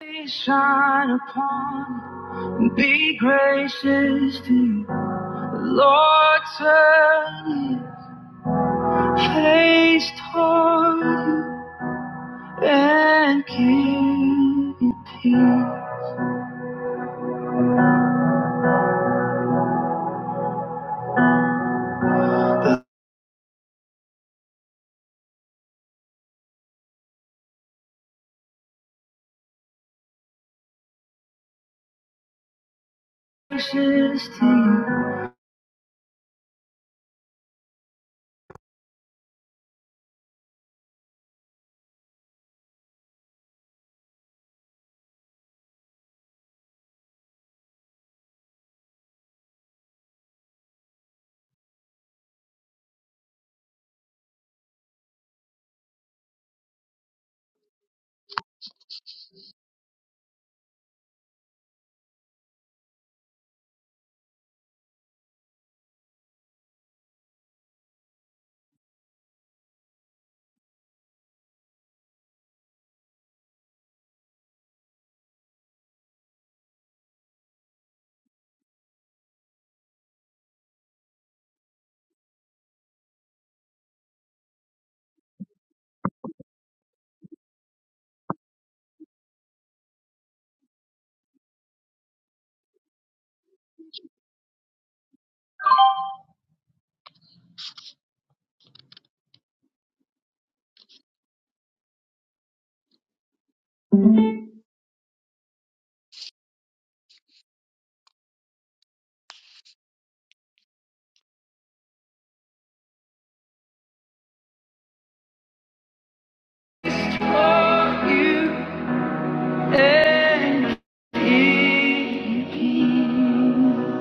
Be shine upon me, be gracious to you. Lord, turn your face toward you and keep your peace. Gracious to you, for you and keep your peace.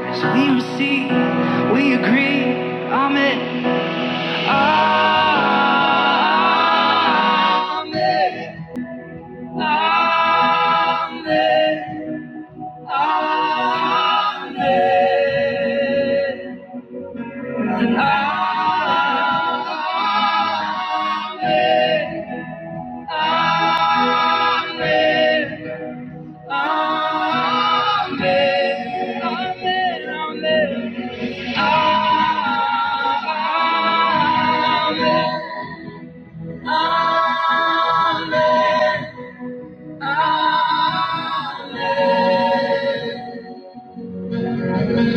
As we receive, we agree, Amen. Amen. Amen. Amen. Amen. Amen. Amen.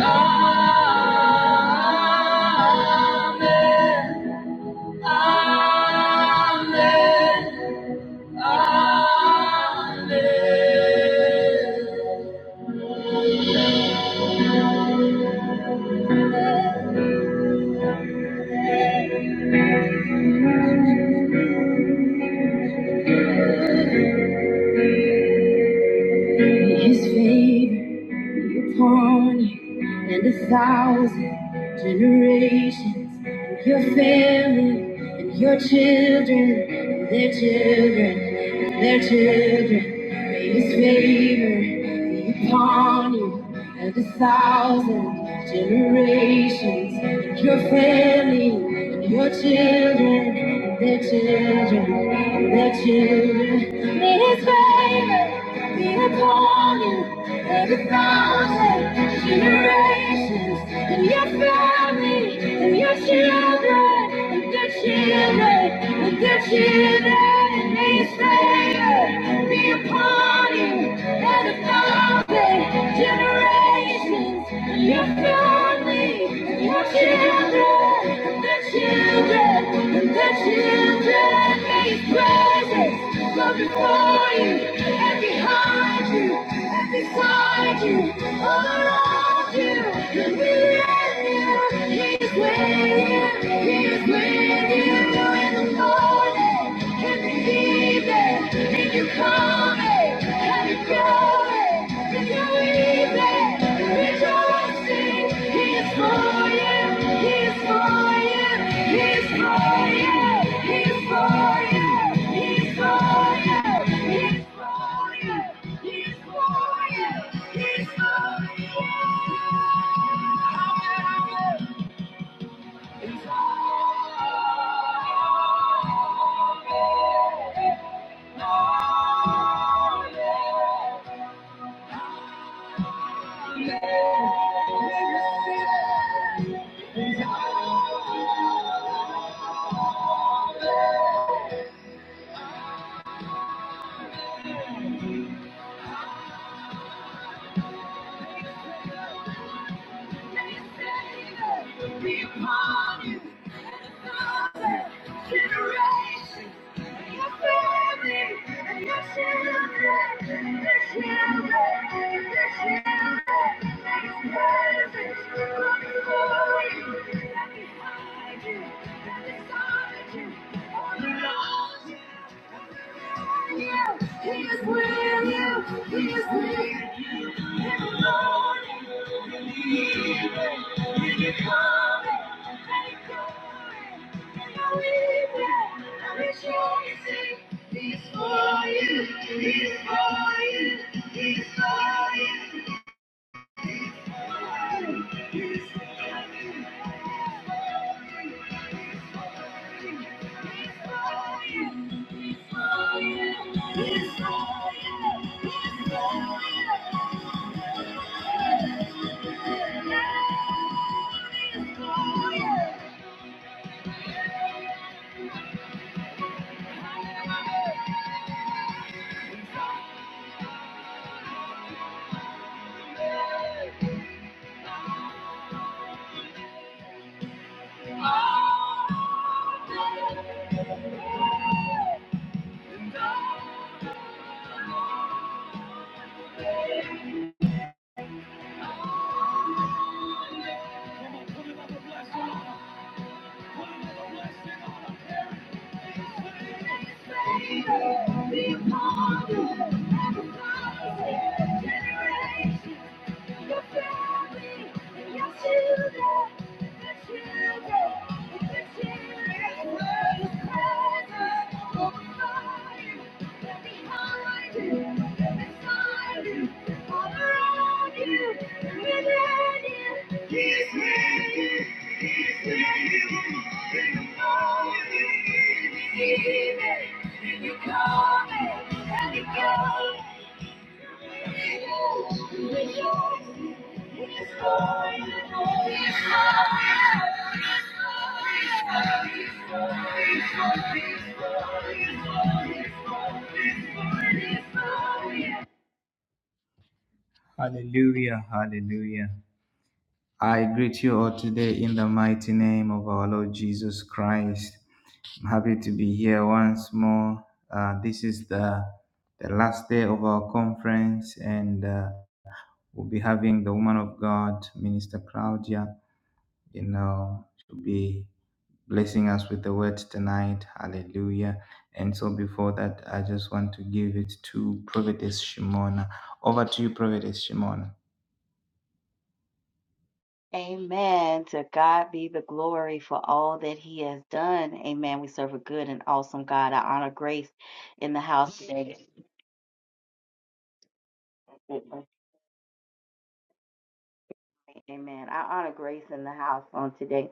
Amen. Amen. Amen. His favor. upon you and a thousand generations and your family and your children and their children and their children may his favor be upon you and a thousand generations and your family and your children and their children imagine that you need his favor, be upon you, and a thousand generations, and your family, and your children, and their children, and their children, and his favor, be upon you, and a thousand generations. and your your family and and and and and your children, and their children, and their children. He He is before you, and behind you, and beside you, all around you, and within you. behind beside all around is with you in the morning, in the evening. Did you call me? Can you call me? Did you leave me? Rejoicing, He is for you, He is for you, He is for you, He is for you, He is for you, He is for you, He is for you, He is for you. Hallelujah. It's for you. Thank you. He's for you, he's for you, he's for you. Thank you. Be Thank Generation. Your family and your children, your children, your children. Wherever you are, all the love you've left behind you, left inside you, is around you, within you, he's with you, he's with you. In the morning, in the evening, if you call me, I'll be coming. Thank you. Amen. To God be the glory for all that He has done. Amen. We serve a good and awesome God. I honor grace in the house today. Amen. I honor grace in the house on today.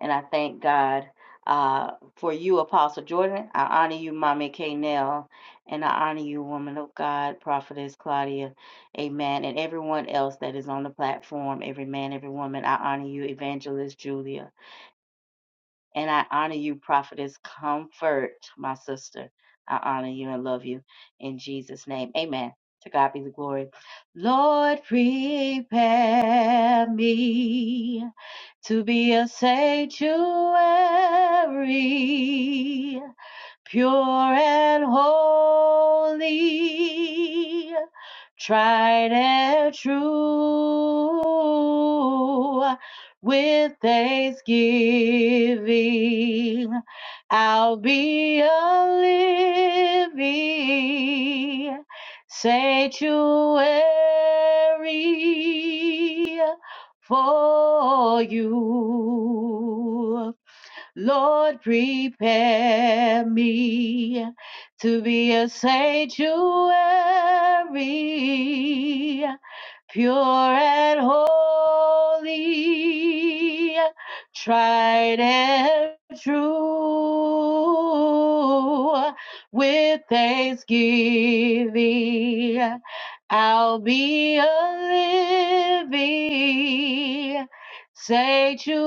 And I thank God uh, for you, Apostle Jordan. I honor you, Mommy K. Nell. And I honor you, woman of God, Prophetess Claudia. Amen. And everyone else that is on the platform, every man, every woman. I honor you, Evangelist Julia. And I honor you, prophetess comfort, my sister. I honor you and love you in Jesus' name. Amen. To God be the glory. Lord, prepare me to be a sanctuary pure and holy, tried and true. With thanksgiving, I'll be a living sanctuary for you. Lord, prepare me to be a sanctuary, pure and holy, tried and true. With thanksgiving, I'll be a living sanctuary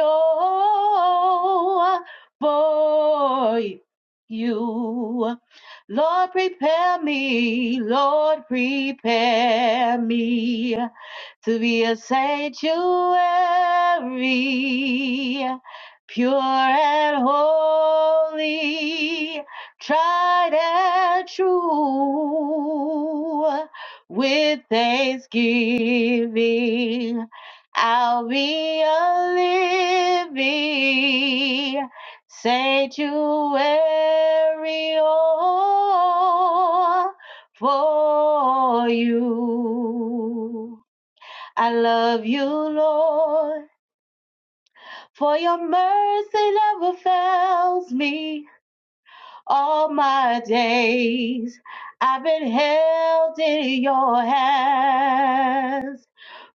oh, for you. Lord, prepare me, Lord, prepare me to be a sanctuary, pure and holy, tried and true, with thanksgiving. I'll be a living sanctuary oh, for you. I love you, Lord, for your mercy never fails me all my days. I've been held in your hand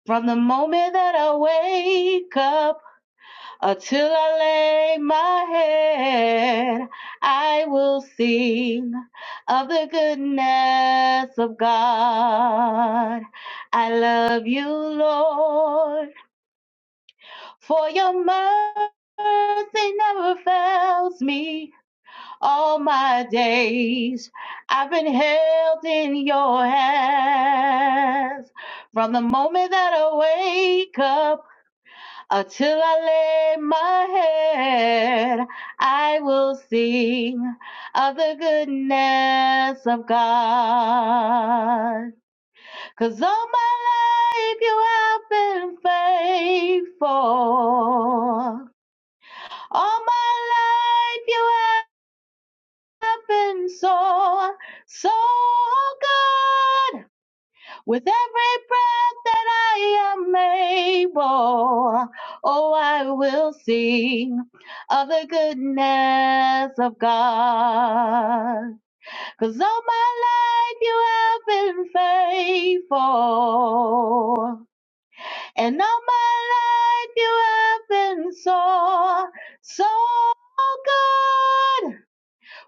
from the moment that I wake up Until I lay my head, I will sing of the goodness of God. I love you, Lord, for your mercy never fails me. All my days I've been held in your hands. From the moment that I wake up until I lay my head, I will sing of the goodness of God. 'Cause all my life you have been faithful. All my life you have been so, so good. With every breath that I am able, oh, I will sing of the goodness of God. 'Cause all my life you have been faithful. And all my life you have been so, so good.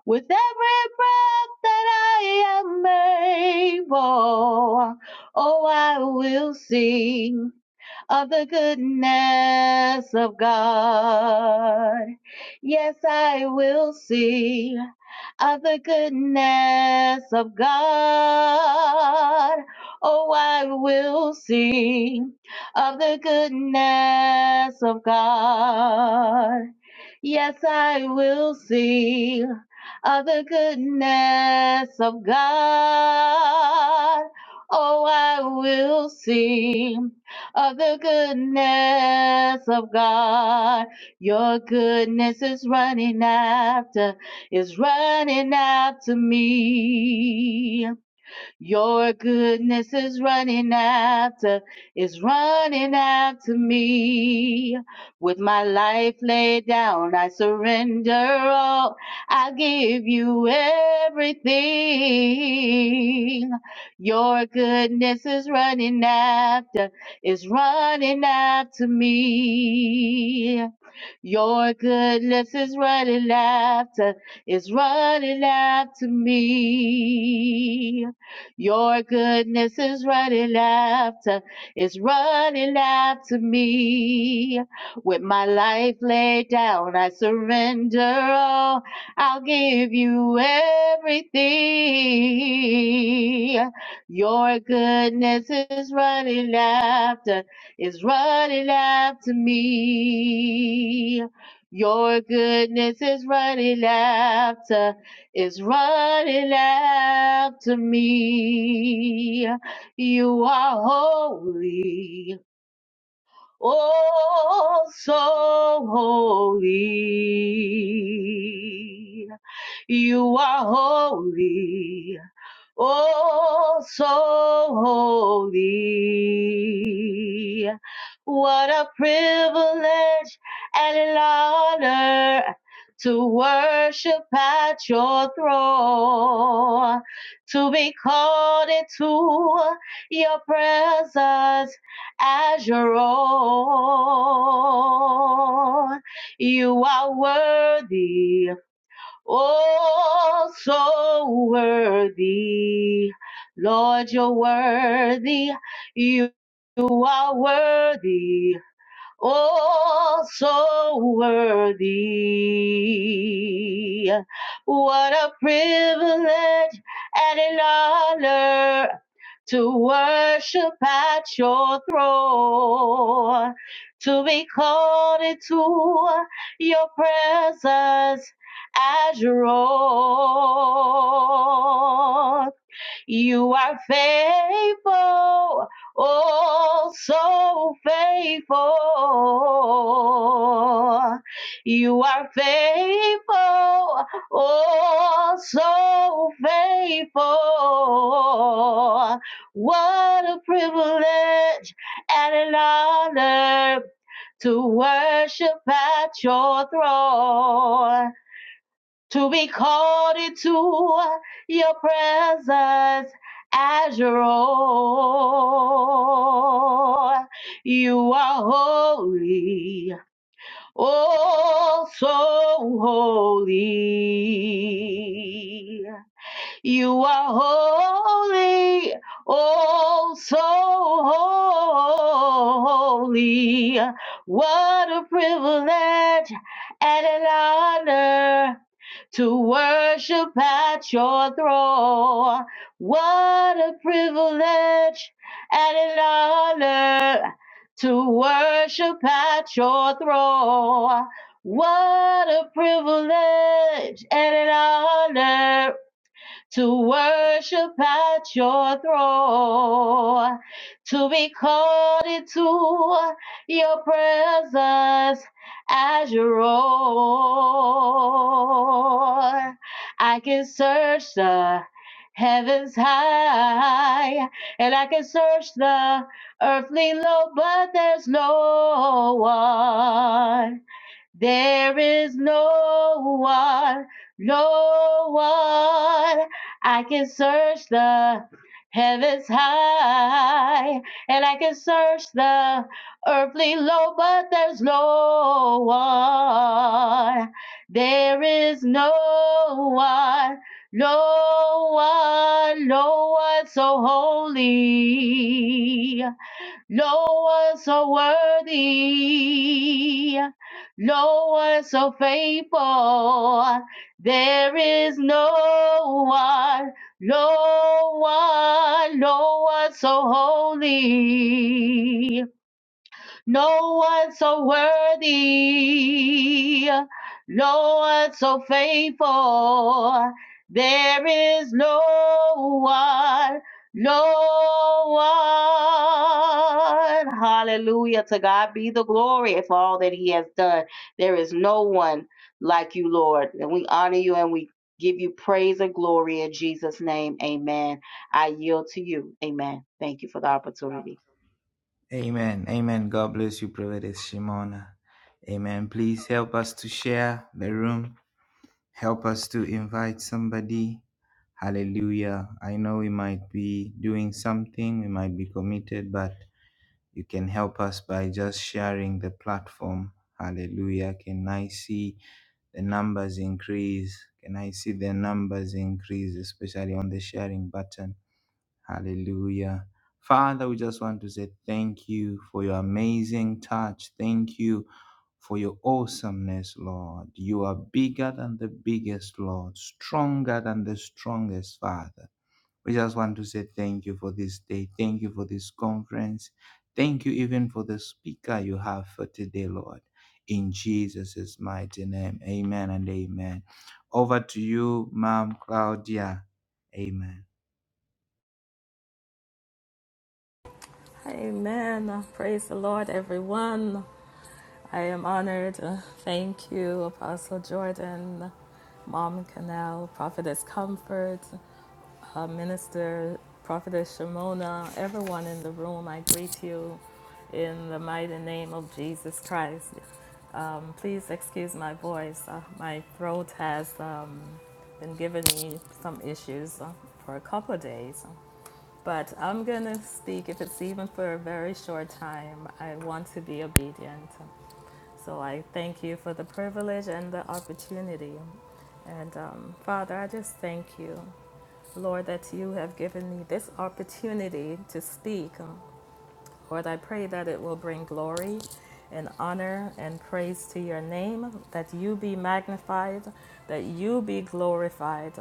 With every breath that I am able, oh, I will sing of the goodness of God. Yes, I will sing of the goodness of God. Oh, I will sing of the goodness of God. Yes, I will sing of the goodness of God. Oh, I will sing of the goodness of God. Your goodness is running after, is running after me. Your goodness is running after, is running after me. With my life laid down, I surrender all. I give you everything. Your goodness is running after, is running after me. Your goodness is running after, is running after me. Your goodness is running after, is running after me. With my life laid down, I surrender all. I'll give you everything. Your goodness is running after, is running after me. Your goodness is running after is running after me. You are holy. Oh, so holy. You are holy. Oh, so holy. What a privilege and an honor to worship at your throne, to be called into your presence as your own. You are worthy, oh, so worthy. Lord, you're worthy. You are worthy. Oh, so worthy. What a privilege and an honor to worship at your throne, to be called into your presence as your own. You are faithful, oh, so faithful. You are faithful, oh, so faithful. What a privilege and an honor to worship at your throne to be called into your presence as your own. You are holy, oh so holy. You are holy, oh so holy. What a privilege and an honor to worship at your throne. What a privilege and an honor to worship at your throne. What a privilege and an honor to worship at your throne, to be called into your presence as your own. I can search the heavens high, and I can search the earthly low, but there's no one there is no one, no one. I can search the heavens high, and I can search the earthly low, but there's no one. There is no one, no one, no one so holy. No one so worthy, no one so faithful. There is no one, no one, no one so holy. No one so worthy, no one so faithful. There is no one, no one. Hallelujah. To God be the glory for all that He has done. There is no one like you, Lord. And we honor you and we give you praise and glory in Jesus' name. Amen. I yield to you. Amen. Thank you for the opportunity. Amen. Praise the Lord, everyone. I am honored. Thank you, Apostle Jordan, Mom Canal, Prophetess Comfort, uh, Minister Prophetess Shimona, everyone in the room. I greet you in the mighty name of Jesus Christ. Um, please excuse my voice. Uh, my throat has um, been giving me some issues uh, for a couple of days. But I'm going to speak, if it's even for a very short time. I want to be obedient. So I thank you for the privilege and the opportunity. And um, Father, I just thank you, Lord, that you have given me this opportunity to speak. um, Lord, I pray that it will bring glory and honor and praise to your name, that you be magnified, that you be glorified.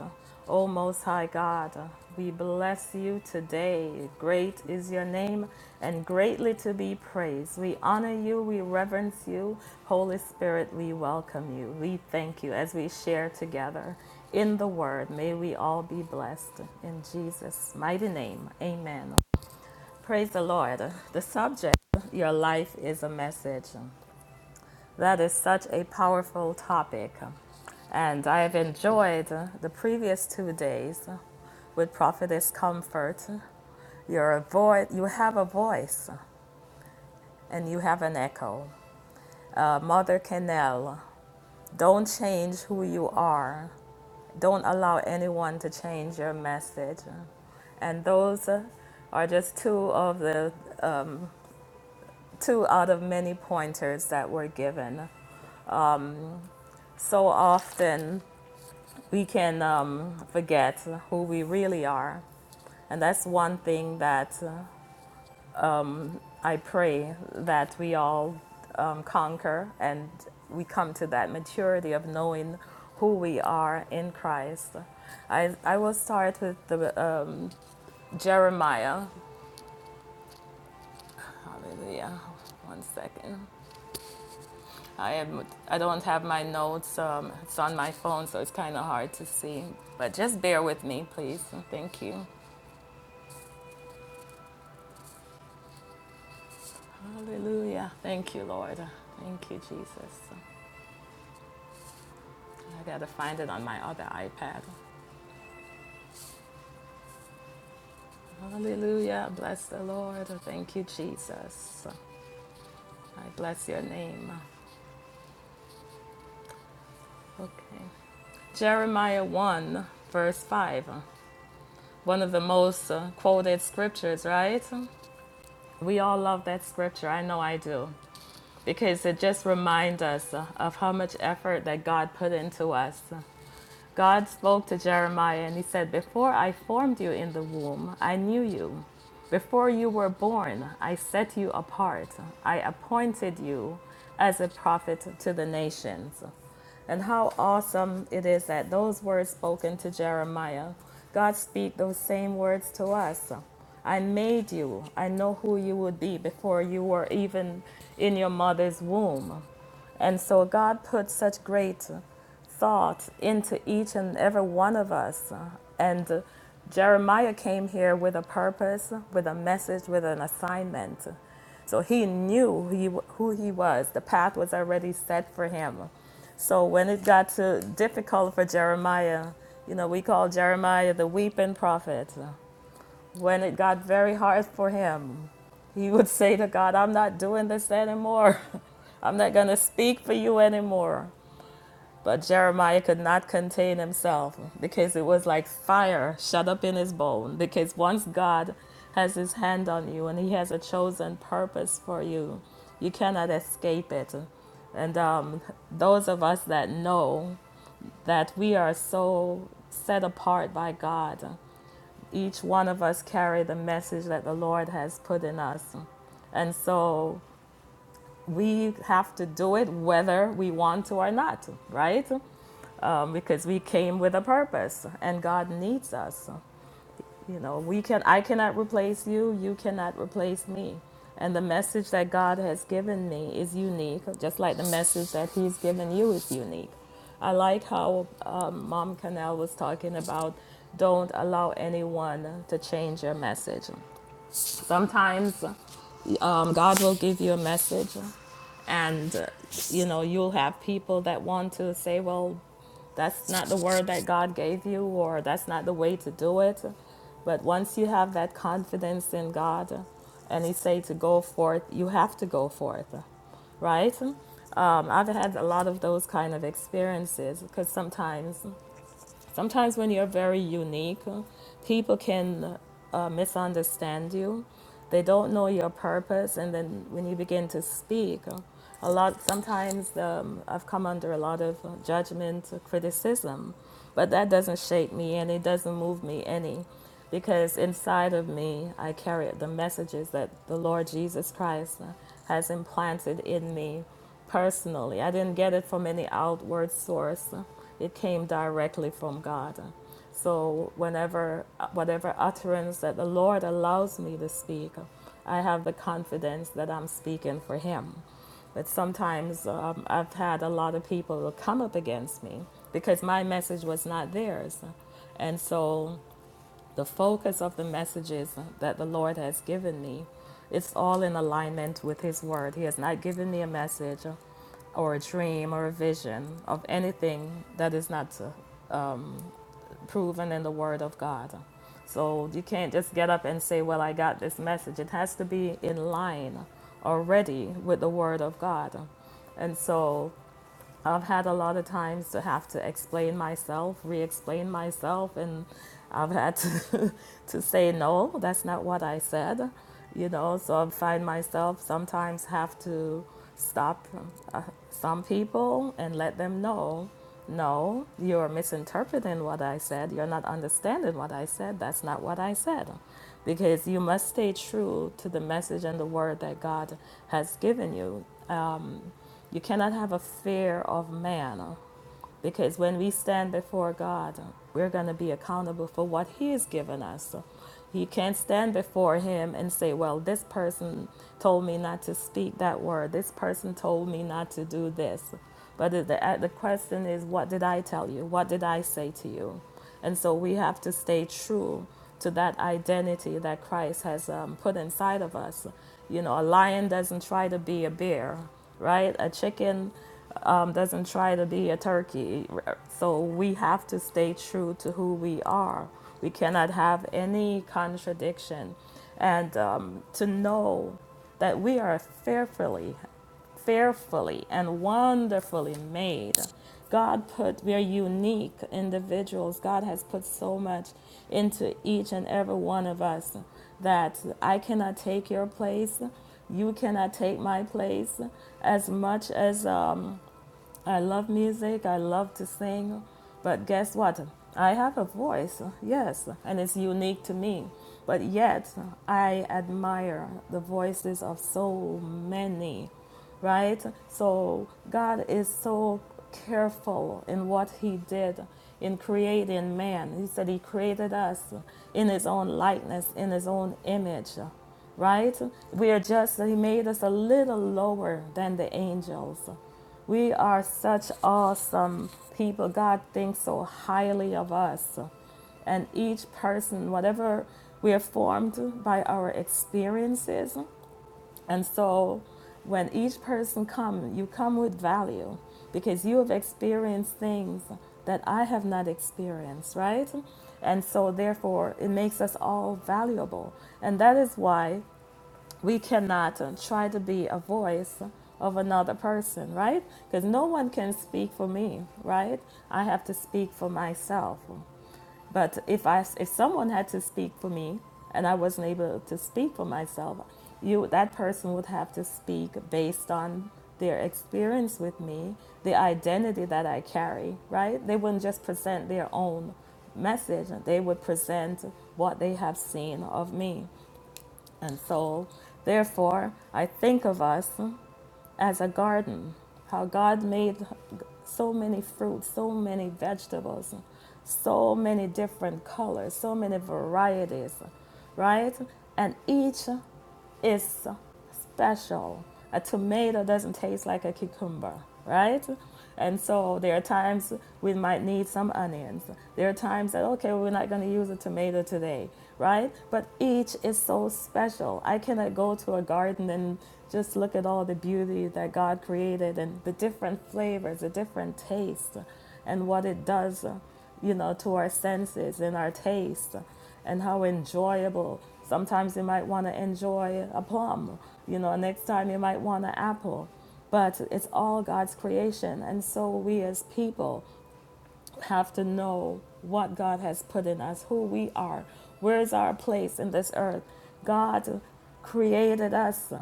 O Most High God, we bless you today. Great is your name and greatly to be praised. We honor you, we reverence you. Holy Spirit, we welcome you. We thank you as we share together in the word. May we all be blessed. In Jesus' mighty name, amen. Praise the Lord. The subject, Your Life is a Message. That is such a powerful topic. And I have enjoyed the previous two days with Prophetess Comfort. You're you have a voice and you have an echo. Uh, Mother Kennel, don't change who you are. Don't allow anyone to change your message. And those uh, are just two of the two out of many pointers that were given. So often we can um, forget who we really are. And that's one thing that uh, I pray that we all um, conquer and we come to that maturity of knowing who we are in Christ. I, I will start with the um, Jeremiah. Hallelujah. One second. I am. I don't have my notes. Um, it's on my phone, so it's kind of hard to see. But just bear with me, please. Thank you. Hallelujah. Thank you, Lord. Thank you, Jesus. I gotta find it on my other iPad. Hallelujah. Bless the Lord. Thank you, Jesus. I bless your name. Okay. Jeremiah 1, verse 5. One of the most uh, quoted scriptures, right? We all love that scripture. I know I do. because it just reminds us of how much effort that God put into us. God spoke to Jeremiah and he said, Before I formed you in the womb, I knew you. Before you were born, I set you apart. I appointed you as a prophet to the nations. And how awesome it is that those words spoken to Jeremiah, God speak those same words to us. I made you. I know who you would be before you were even in your mother's womb. And so God put such great thought into each and every one of us. And Jeremiah came here with a purpose, with a message, with an assignment. So he knew he, who he was. The path was already set for him. So when it got to difficult for Jeremiah, you know, we call Jeremiah the weeping prophet. When it got very hard for him, he would say to God, I'm not doing this anymore. I'm not going to speak for you anymore. But Jeremiah could not contain himself because it was like fire shut up in his bone. Because once God has his hand on you and he has a chosen purpose for you, you cannot escape it. And um, those of us that know that we are so set apart by God, each one of us carry the message that the Lord has put in us. And so we have to do it whether we want to or not, right? Um, because we came with a purpose and God needs us. You know, we can I cannot replace you, you cannot replace me. And the message that God has given me is unique, just like the message that He's given you is unique. I like how um, Mom Canal was talking about don't allow anyone to change your message. Sometimes um, God will give you a message and uh, you know you'll have people that want to say well that's not the word that god gave you or that's not the way to do it but once you have that confidence in god and he say to go forth you have to go forth right um, i've had a lot of those kind of experiences because sometimes Sometimes when you're very unique, people can uh, misunderstand you. They don't know your purpose, and then when you begin to speak, a lot. Sometimes um, I've come under a lot of judgment, criticism, but that doesn't shake me, and it doesn't move me any because inside of me I carry the messages that the Lord Jesus Christ has implanted in me personally. I didn't get it from any outward source. It came directly from God. So whenever whatever utterance that the Lord allows me to speak, I have the confidence that I'm speaking for him. But sometimes um, I've had a lot of people come up against me because my message was not theirs. And so the focus of the messages that the Lord has given me, it's all in alignment with His Word. He has not given me a message or a dream or a vision of anything that is not um, proven in the Word of God. So you can't just get up and say, Well, I got this message. It has to be in line already with the Word of God. And so I've had a lot of times to have to explain myself, re explain myself, and I've had to to say no that's not what i said you know so i find myself sometimes have to stop uh, some people and let them know no you're misinterpreting what i said you're not understanding what i said that's not what i said because you must stay true to the message and the word that god has given you you cannot have a fear of man because when we stand before God, we're going to be accountable for what He has given us. You can't stand before Him and say, Well, this person told me not to speak that word. This person told me not to do this. But the, the, the question is, What did I tell you? What did I say to you? And so we have to stay true to that identity that Christ has um, put inside of us. You know, a lion doesn't try to be a bear, right? A chicken um, doesn't try to be a turkey. So we have to stay true to who we are. We cannot have any contradiction. And um, to know that we are fearfully fearfully and wonderfully made. God put, we are unique individuals. God has put so much into each and every one of us that I cannot take your place. You cannot take my place. As much as um, I love music. I love to sing. But guess what? I have a voice, yes, and it's unique to me. But yet, I admire the voices of so many, right? So, God is so careful in what He did in creating man. He said He created us in His own likeness, in His own image right? We are just, he made us a little lower than the angels. We are such awesome people. God thinks so highly of us. And each person, whatever we are formed by our experiences. And so when each person comes, you come with value because you have experienced things that I have not experienced, right? And so therefore it makes us all valuable. And that is why we cannot uh, try to be a voice of another person, right? Because no one can speak for me, right? I have to speak for myself. But if I, if someone had to speak for me, and I wasn't able to speak for myself, you that person would have to speak based on their experience with me, the identity that I carry, right? They wouldn't just present their own message; they would present what they have seen of me and soul. Therefore, I think of us as a garden, how God made so many fruits, so many vegetables, so many different colors, so many varieties, right? And each is special. A tomato doesn't taste like a cucumber, right? And so there are times we might need some onions. There are times that, okay, we're not going to use a tomato today right? But each is so special. I cannot go to a garden and just look at all the beauty that God created and the different flavors, the different tastes, and what it does, you know, to our senses and our taste, and how enjoyable. Sometimes you might want to enjoy a plum, you know, next time you might want an apple but it's all God's creation. And so we as people have to know what God has put in us, who we are, where is our place in this earth. God created us.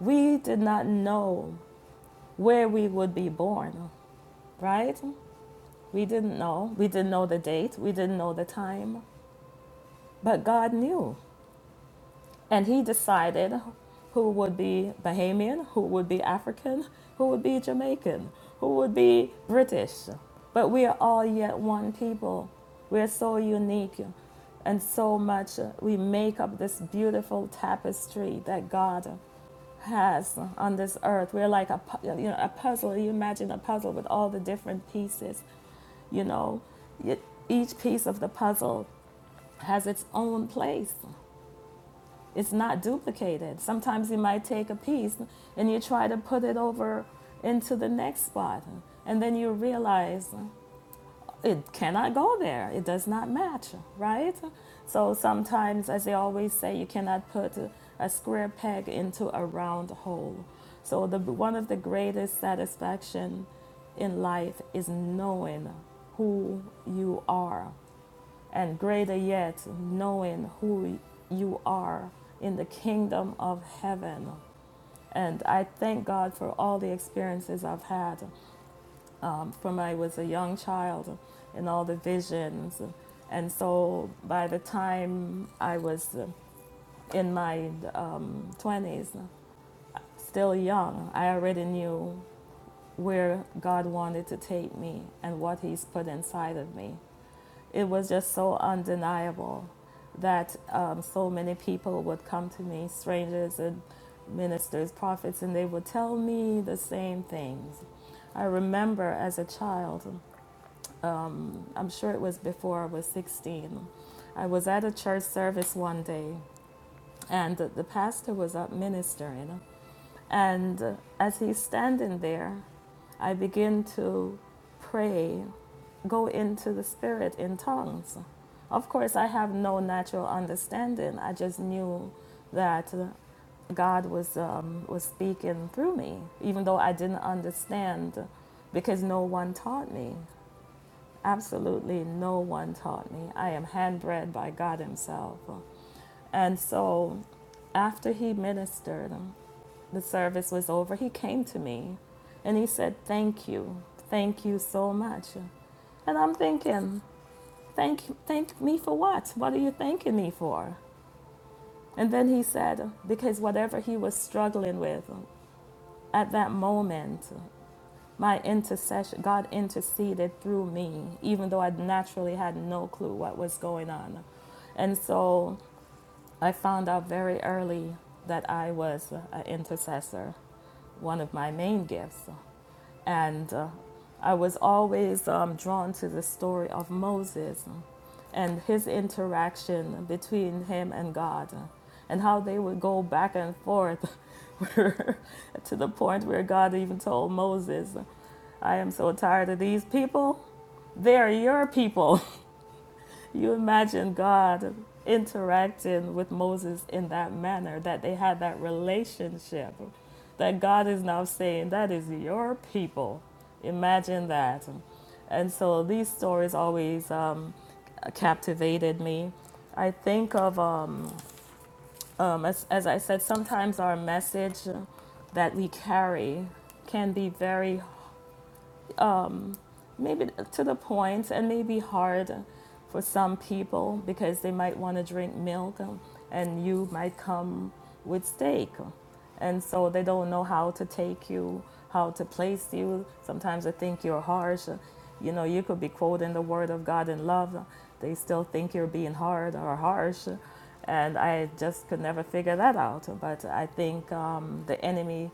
We did not know where we would be born, right? We didn't know. We didn't know the date. We didn't know the time. But God knew. And he decided who would be Bahamian, who would be African, who would be Jamaican, who would be British. But we are all yet one people. We are so unique and so much. We make up this beautiful tapestry that God has on this earth. We're like a, pu- you know, a puzzle. You imagine a puzzle with all the different pieces, you know. Yet Each piece of the puzzle has its own place. It's not duplicated. Sometimes you might take a piece and you try to put it over into the next spot. And then you realize it cannot go there. It does not match, right? So sometimes, as they always say, you cannot put a square peg into a round hole. So the, one of the greatest satisfaction in life is knowing who you are and greater yet, knowing who you are in the kingdom of heaven. And I thank God for all the experiences I've had um, from I was a young child and all the visions. And so by the time I was in my um, 20s, still young, I already knew where God wanted to take me and what He's put inside of me. It was just so undeniable that um, so many people would come to me, strangers and ministers, prophets, and they would tell me the same things. I remember as a child, um, I'm sure it was before I was 16, I was at a church service one day, and the the pastor was up ministering. And as he's standing there, I begin to pray go into the spirit in tongues. Of course, I have no natural understanding. I just knew that God was um, was speaking through me, even though I didn't understand, because no one taught me. Absolutely, no one taught me. I am handbred by God Himself. And so, after He ministered, the service was over. He came to me, and He said, "Thank you, thank you so much." And I'm thinking, Thank, thank me for what? What are you thanking me for? And then he said, Because whatever he was struggling with at that moment, my intercession, God interceded through me, even though I naturally had no clue what was going on. And so I found out very early that I was an intercessor, one of my main gifts. And uh, I was always um, drawn to the story of Moses and his interaction between him and God and how they would go back and forth to the point where God even told Moses, I am so tired of these people. They are your people. You imagine God interacting with Moses in that manner, that they had that relationship, that God is now saying, That is your people. Imagine that. And so these stories always um, captivated me. I think of, um, um, as, as I said, sometimes our message that we carry can be very maybe to the point and maybe hard for some people because they might want to drink milk um, and you might come with steak and so they don't know how to take you how to place you sometimes they think you're harsh you know you could be quoting the word of god in love they still think you're being hard or harsh and i just could never figure that out but i think um, the enemy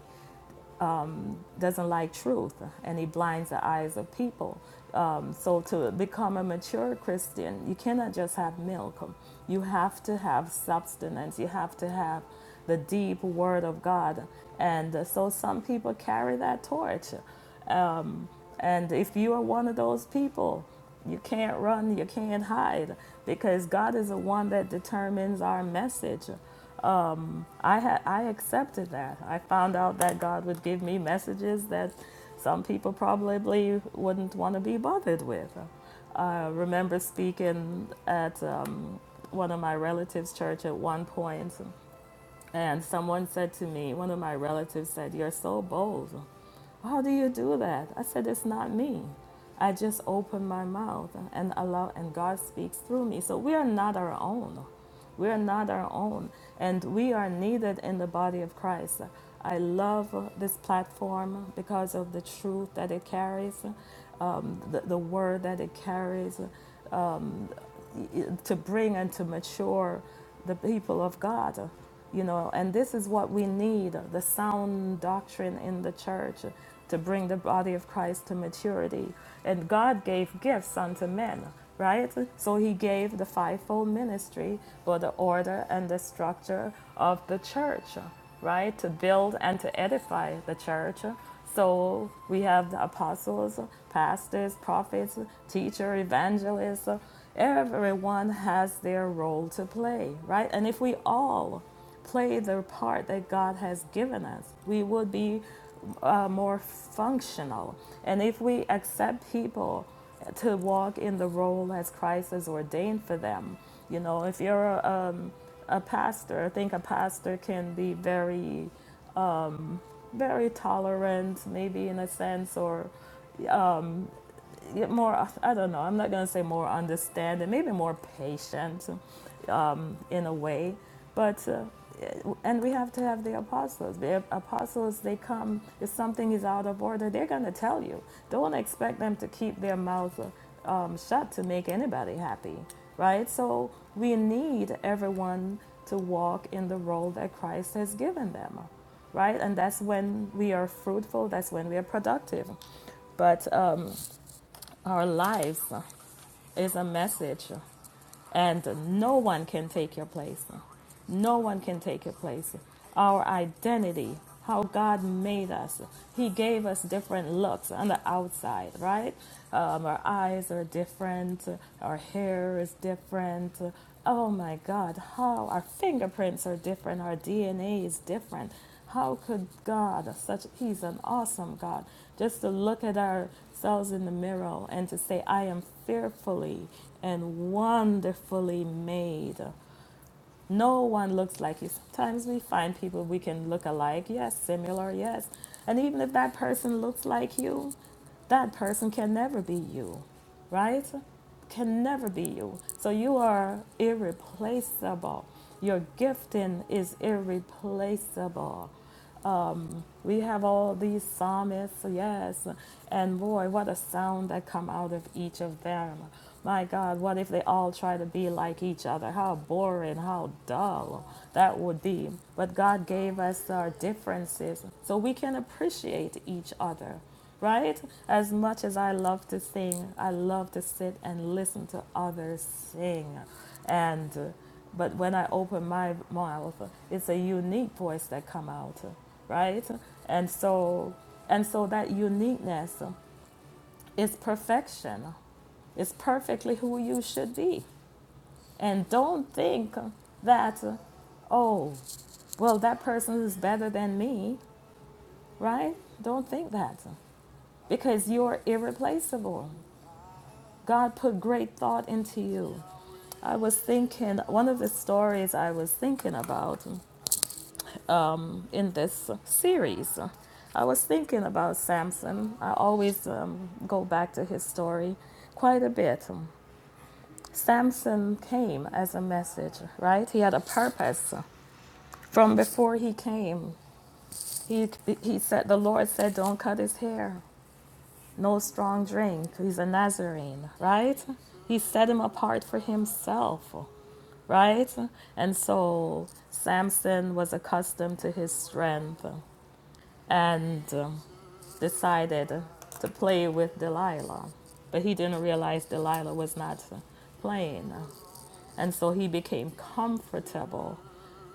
doesn't like truth and he blinds the eyes of people. Um, so, to become a mature Christian, you cannot just have milk. You have to have substance. You have to have the deep word of God. And uh, so, some people carry that torch. And if you are one of those people, you can't run, you can't hide, because God is the one that determines our message. I had I accepted that. I found out that God would give me messages that some people probably wouldn't want to be bothered with. I remember speaking at um, one of my relatives' church at one point, and someone said to me, one of my relatives said, "You're so bold." How do you do that? I said, It's not me. I just open my mouth and allow, and God speaks through me. So we are not our own. We are not our own. And we are needed in the body of Christ. I love this platform because of the truth that it carries, um, the, the word that it carries to bring and to mature the people of God. You know, and this is what we need the sound doctrine in the church to bring the body of Christ to maturity. And God gave gifts unto men, right? So He gave the fivefold ministry for the order and the structure of the church, right? To build and to edify the church so we have the apostles, pastors, prophets, teacher, evangelists. Everyone has their role to play, right? And if we all play the part that God has given us, we would be uh, more functional. And if we accept people to walk in the role as Christ has ordained for them, you know, if you're a, um, a pastor, I think a pastor can be very very tolerant, maybe in a sense, or yeah, more, I don't know, I'm not going to say more understanding, maybe more patient in a way, but uh, and we have to have the apostles. The apostles, they come if something is out of order, they're gonna tell you. Don't expect them to keep their mouth uh, um, shut to make anybody happy, right? So we need everyone to walk in the role that Christ has given them, right? And that's when we are fruitful. That's when we are productive. But um, our lives is a message. And no one can take your place. No one can take your place. Our identity, how God made us. He gave us different looks on the outside, right? Um, our eyes are different. Our hair is different. Oh my God, how our fingerprints are different. Our DNA is different. How could God, such He's an awesome God, just to look at ourselves in the mirror and to say, I am fearfully and wonderfully made. No one looks like you. Sometimes we find people we can look alike, yes, similar, yes. And even if that person looks like you, that person can never be you, right? Can never be you. So you are irreplaceable. Your gifting is irreplaceable. We have all these psalmists, yes. And boy, what a sound that come out of each of them. My God, what if they all try to be like each other? How boring, how dull that would be. But God gave us our differences so we can appreciate each other, right? As much as I love to sing, I love to sit and listen to others sing. And but when I open my mouth, it's a unique voice that come out, right? And so, and so that uniqueness is perfection. It's perfectly who you should be. And don't think that, oh, well, that person is better than me, right? Don't think that because you're irreplaceable. God put great thought into you. I was thinking, one of the stories I was thinking about in this series. I was thinking about Samson. I always um, go back to his story quite a bit. Samson came as a message, right? He had a purpose. From before he came, he, he said, the Lord said, don't cut his hair, no strong drink. He's a Nazarene, right? He set him apart for himself right? And so Samson was accustomed to his strength. And um, decided to play with Delilah, but he didn't realize Delilah was not playing. And so he became comfortable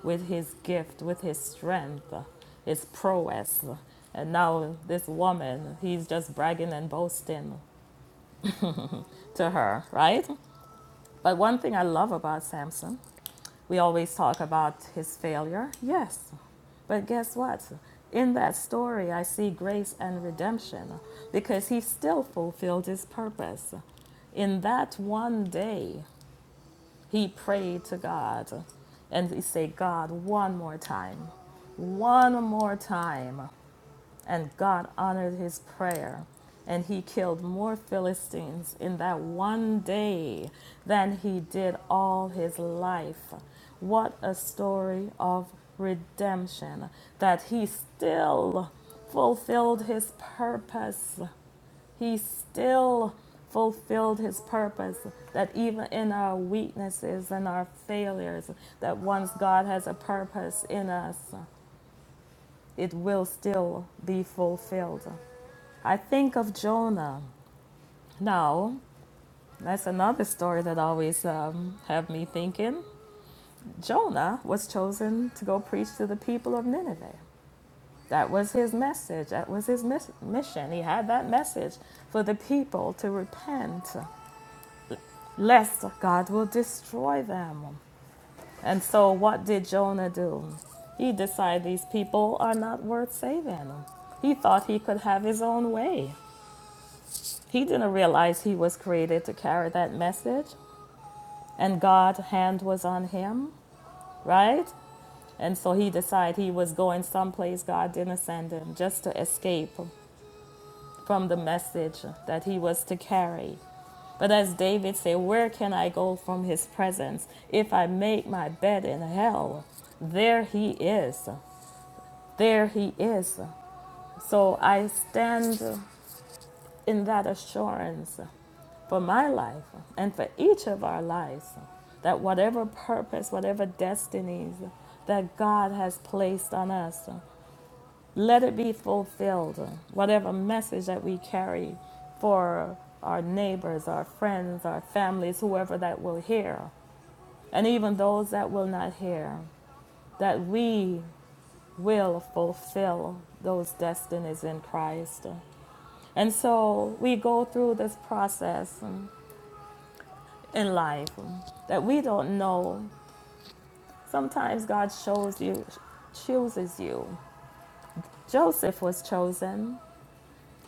with his gift, with his strength, his prowess. And now this woman, he's just bragging and boasting to her, right? But one thing I love about Samson we always talk about his failure, yes. But guess what? In that story, I see grace and redemption because he still fulfilled his purpose. In that one day, he prayed to God and he said, God, one more time, one more time. And God honored his prayer. And he killed more Philistines in that one day than he did all his life. What a story of redemption that he still fulfilled his purpose. He still fulfilled his purpose that even in our weaknesses and our failures that once God has a purpose in us it will still be fulfilled I think of Jonah. Now, that's another story that always um, have me thinking. Jonah was chosen to go preach to the people of Nineveh. That was his message. That was his mis- mission. He had that message for the people to repent, lest God will destroy them. And so, what did Jonah do? He decided these people are not worth saving. He thought he could have his own way. He didn't realize he was created to carry that message. and God's hand was on him, right? And so he decided he was going someplace God didn't send him just to escape from the message that he was to carry. But as David said, Where can I go from his presence? If I make my bed in hell, there he is. There he is. So I stand in that assurance for my life and for each of our lives that whatever purpose, whatever destinies that God has placed on us, let it be fulfilled. Whatever message that we carry for our neighbors, our friends, our families, whoever that will hear, and even those that will not hear, that we will fulfill those destinies in Christ. And so we go through this process in life that we don't know. Sometimes God shows you, chooses you. Joseph was chosen,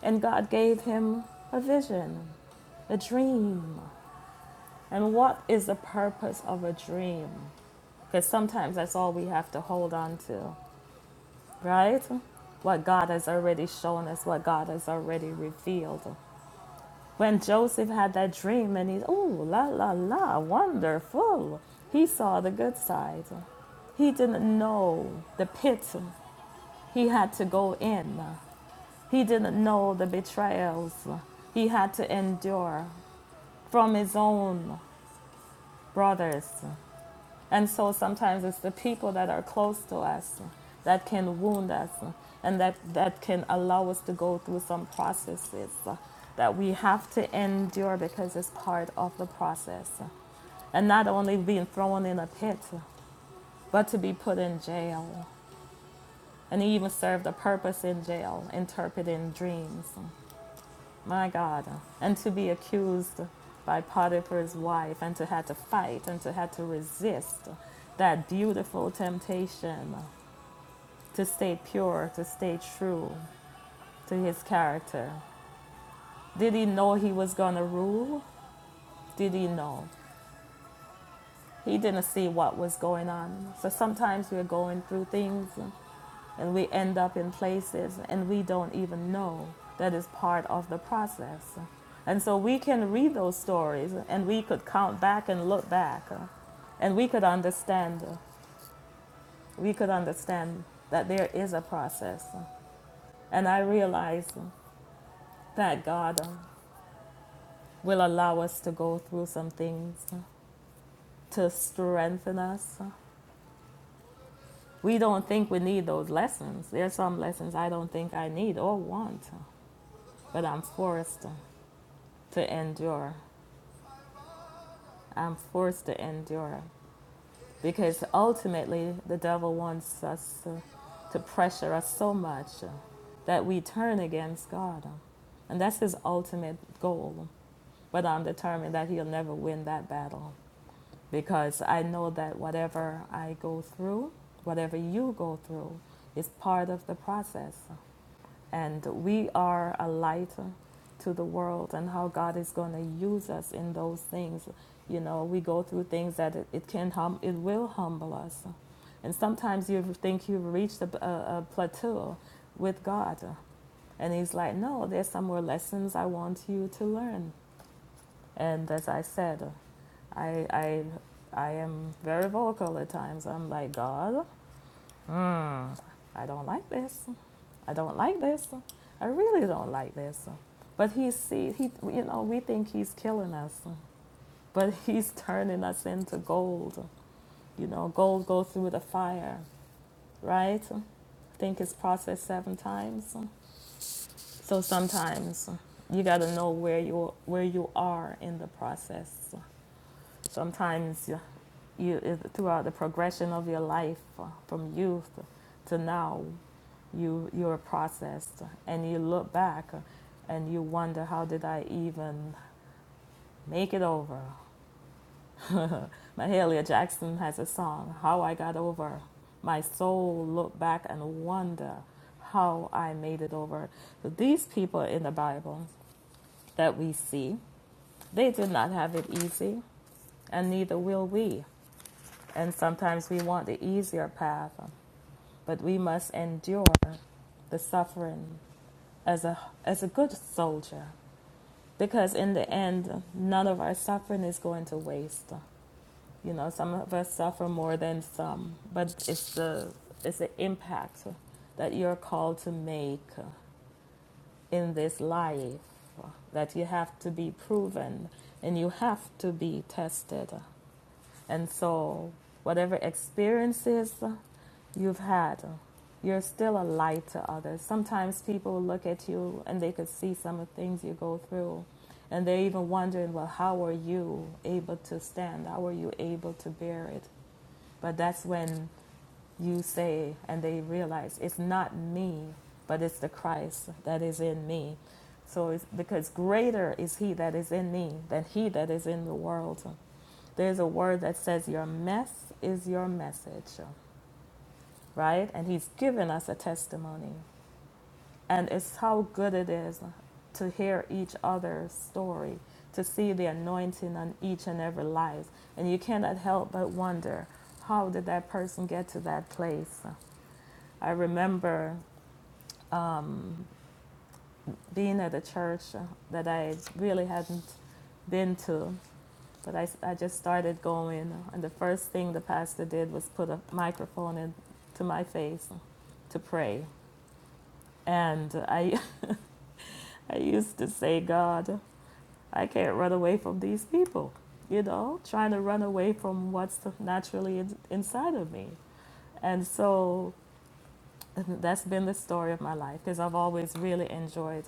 and God gave him a vision, a dream. And what is the purpose of a dream? Because sometimes that's all we have to hold on to, right? What God has already shown us, what God has already revealed. When Joseph had that dream and he's, oh, la, la, la, wonderful, he saw the good side. He didn't know the pit he had to go in, he didn't know the betrayals he had to endure from his own brothers. And so sometimes it's the people that are close to us that can wound us and that, that can allow us to go through some processes that we have to endure because it's part of the process. And not only being thrown in a pit, but to be put in jail. And he even served a purpose in jail, interpreting dreams. My God. And to be accused by Potiphar's wife and to have to fight and to have to resist that beautiful temptation to stay pure, to stay true to his character. Did he know he was going to rule? Did he know? He didn't see what was going on. So sometimes we're going through things and we end up in places and we don't even know that is part of the process. And so we can read those stories and we could count back and look back uh, and we could understand uh, we could understand that there is a process. And I realize that God uh, will allow us to go through some things to strengthen us. We don't think we need those lessons. There are some lessons I don't think I need or want, but I'm forced to endure. I'm forced to endure because ultimately the devil wants us to, to pressure us so much that we turn against God. And that's his ultimate goal. But I'm determined that he'll never win that battle because I know that whatever I go through, whatever you go through, is part of the process. And we are a light to the world and how God is going to use us in those things. You know, we go through things that it, it can hum, it will humble us. And sometimes you think you've reached a, a, a plateau with God. And he's like, no, there's some more lessons I want you to learn. And as I said, I, I, I am very vocal at times. I'm like, God, I don't like this. I don't like this. I really don't like this. But he see he you know, we think he's killing us, but he's turning us into gold. You know, gold goes through the fire, right? I Think it's processed seven times. So sometimes you got to know where you where you are in the process. Sometimes you, you throughout the progression of your life from youth to now you you're processed and you look back and you wonder how did I even make it over? Mahalia Jackson has a song, How I Got Over. My soul looked back and wonder how I made it over. So these people in the Bible that we see, they did not have it easy, and neither will we. And sometimes we want the easier path, but we must endure the suffering as a as a good soldier because in the end, none of our suffering is going to waste. You know, some of us suffer more than some, but it's the it's the impact that you're called to make in this life that you have to be proven and you have to be tested. And so, whatever experiences you've had, you're still a light to others. Sometimes people look at you and they could see some of the things you go through. And they're even wondering, well, how are you able to stand? How are you able to bear it? But that's when you say, and they realize it's not me, but it's the Christ that is in me. So it's because greater is he that is in me than he that is in the world. There's a word that says, Your mess is your message, right? And he's given us a testimony and it's how good it is to hear each other's story to see the anointing on each and every life and you cannot help but wonder how did that person get to that place i remember um, being at a church that i really hadn't been to but I, I just started going and the first thing the pastor did was put a microphone in to my face to pray and i i used to say god I can't run away from these people, you know, trying to run away from what's naturally in, inside of me. And so That's been the story of my life because I've always really enjoyed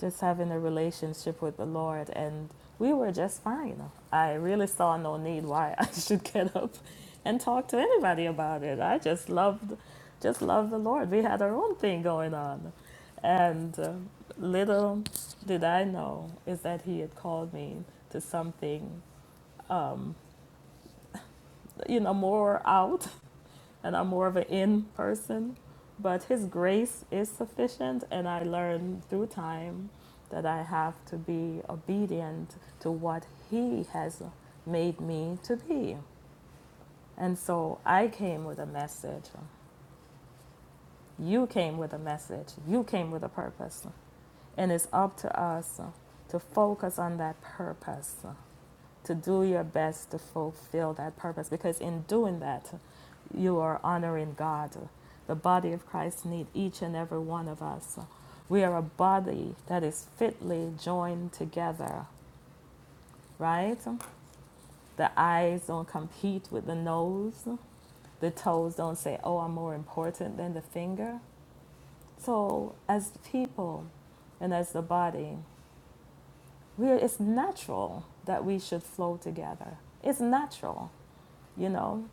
just having a relationship with the Lord, and we were just fine. I really saw no need why I should get up and talk to anybody about it. I just loved, just loved the Lord. We had our own thing going on, and uh, little did I know is that He had called me to something, um, you know, more out and I'm more of an in person. But His grace is sufficient, and I learned through time that I have to be obedient to what He has made me to be. And so I came with a message. You came with a message. You came with a purpose. And it's up to us to focus on that purpose to do your best to fulfill that purpose because in doing that you are honoring God. The body of Christ needs each and every one of us. We are a body that is fitly joined together, right? The eyes don't compete with the nose. The toes don't say, "Oh, I'm more important than the finger." So, as people and as the body, we are, it's natural that we should flow together. It's natural you know,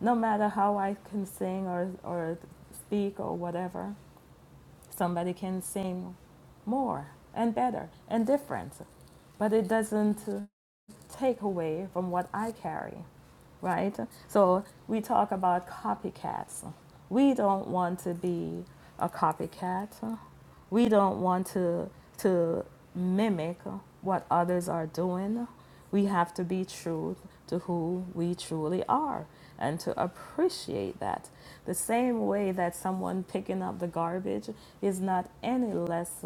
no matter how I can sing or, or speak or whatever, somebody can sing more and better and different. But it doesn't take away from what I carry, right? So we talk about copycats. We don't want to be a copycat. We don't want to to mimic what others are doing. We have to be true to who we truly are and to appreciate that. The same way that someone picking up the garbage is not any less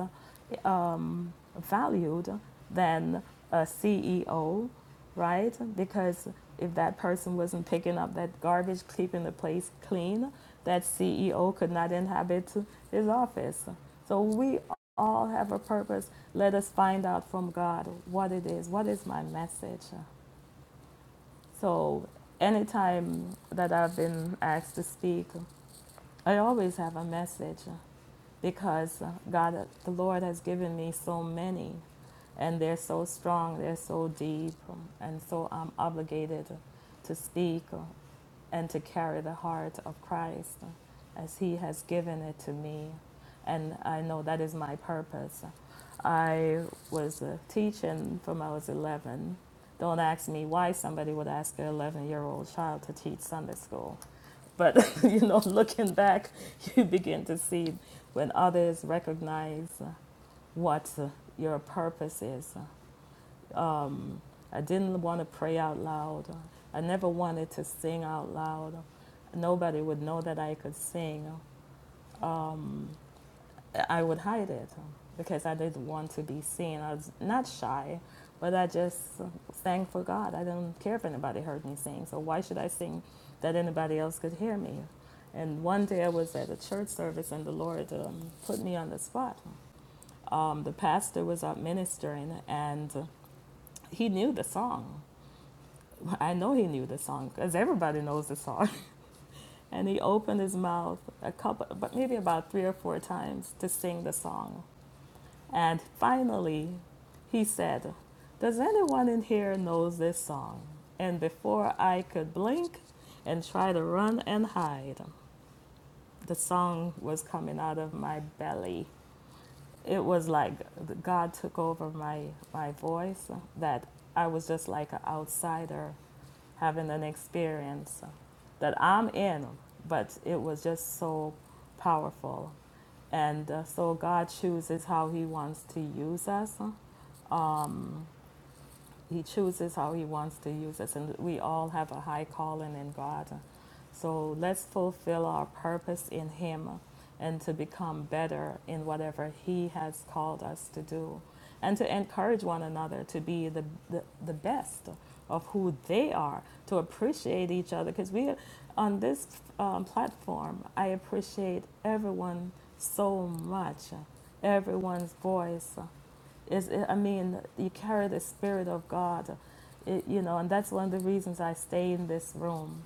um, valued than a CEO right? Because if that person wasn't picking up that garbage, keeping the place clean, that CEO could not inhabit his office. So we all have a purpose. Let us find out from God what it is. What is my message? So anytime that I've been asked to speak, I always have a message because uh, God, uh, the Lord has given me so many, and they're so strong, they're so deep, um, and so I'm obligated to speak uh, and to carry the heart of Christ uh, as He has given it to me. And I know that is my purpose. I was uh, teaching from I was 11. Don't ask me why somebody would ask an 11 year old child to teach Sunday school but you know, looking back, you begin to see when others recognize what your purpose is. Um, I didn't want to pray out loud. I never wanted to sing out loud. Nobody would know that I could sing. Um, I would hide it um, because I didn't want to be seen. I was not shy, but I just sang for God. I didn't care if anybody heard me sing. So why should I sing that anybody else could hear me? And one day I was at a church service and the Lord um, put me on the spot. Um, the pastor was up ministering and he knew the song. I know he knew the song because everybody knows the song. And he opened his mouth a couple, but maybe about three or four times to sing the song. And finally, he said, Does anyone in here knows this song? And before I could blink and try to run and hide, the song was coming out of my belly. It was like God took over my, my voice, that I was just like an outsider having an experience that I'm in, but it was just so powerful. And uh, so God chooses how He wants to use us. he chooses how he wants to use us, and we all have a high calling in God. So let's fulfill our purpose in Him and to become better in whatever He has called us to do, and to encourage one another to be the, the, the best of who they are, to appreciate each other. Because we, on this um, platform, I appreciate everyone so much, everyone's voice. It's, I mean, you carry the spirit of God, it, you know, and that's one of the reasons I stay in this room.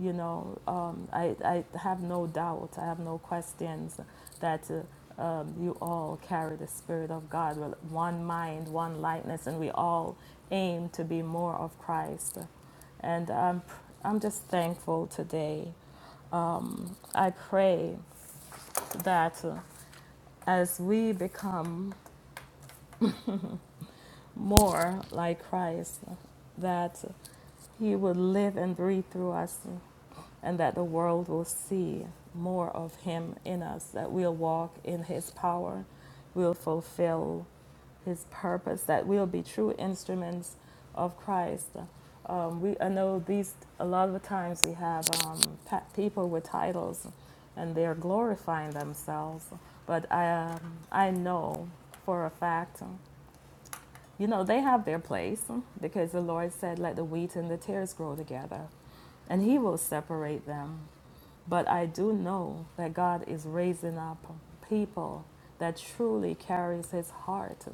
You know, um, I, I have no doubt, I have no questions that uh, um, you all carry the spirit of God, with one mind, one likeness, and we all aim to be more of Christ. And I'm, I'm just thankful today. I pray that uh, as we become more like Christ, that He will live and breathe through us, and that the world will see more of Him in us, that we'll walk in His power, we'll fulfill His purpose, that we'll be true instruments of Christ. Um, we, I know these, a lot of the times we have um, people with titles and they're glorifying themselves, but I, um, I know for a fact you know, they have their place because the Lord said, Let the wheat and the tares grow together, and He will separate them. But I do know that God is raising up people that truly carries His heart,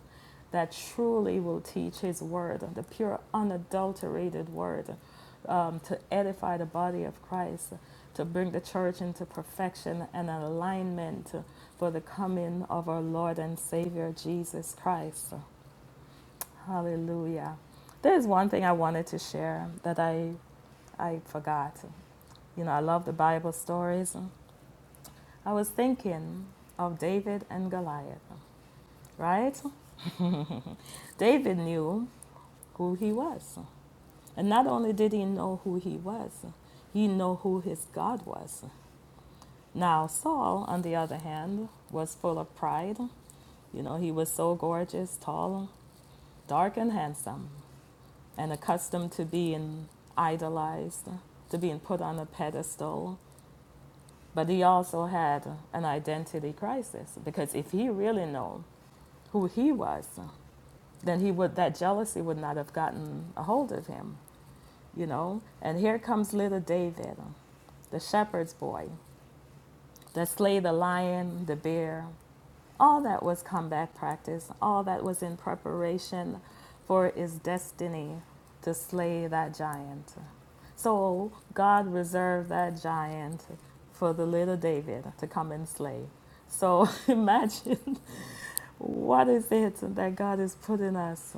that truly will teach His word, the pure, unadulterated word, um, to edify the body of Christ, to bring the church into perfection and alignment for the coming of our Lord and Savior Jesus Christ. Hallelujah. There's one thing I wanted to share that I I forgot. You know, I love the Bible stories. I was thinking of David and Goliath, right? David knew who he was. And not only did he know who he was, he knew who his God was. Now, Saul, on the other hand, was full of pride. You know, he was so gorgeous, tall, dark, and handsome. and accustomed to being idolized, to being put on a pedestal. But he also had an identity crisis because if he really knew who he was, then he would that jealousy would not have gotten a hold of him, you know. And here comes little David, the shepherd's boy, that slayed the lion, the bear, All that was combat practice, all that was in preparation for his destiny to slay that giant. So God reserved that giant for the little David to come and slay. So imagine what is it that God is putting us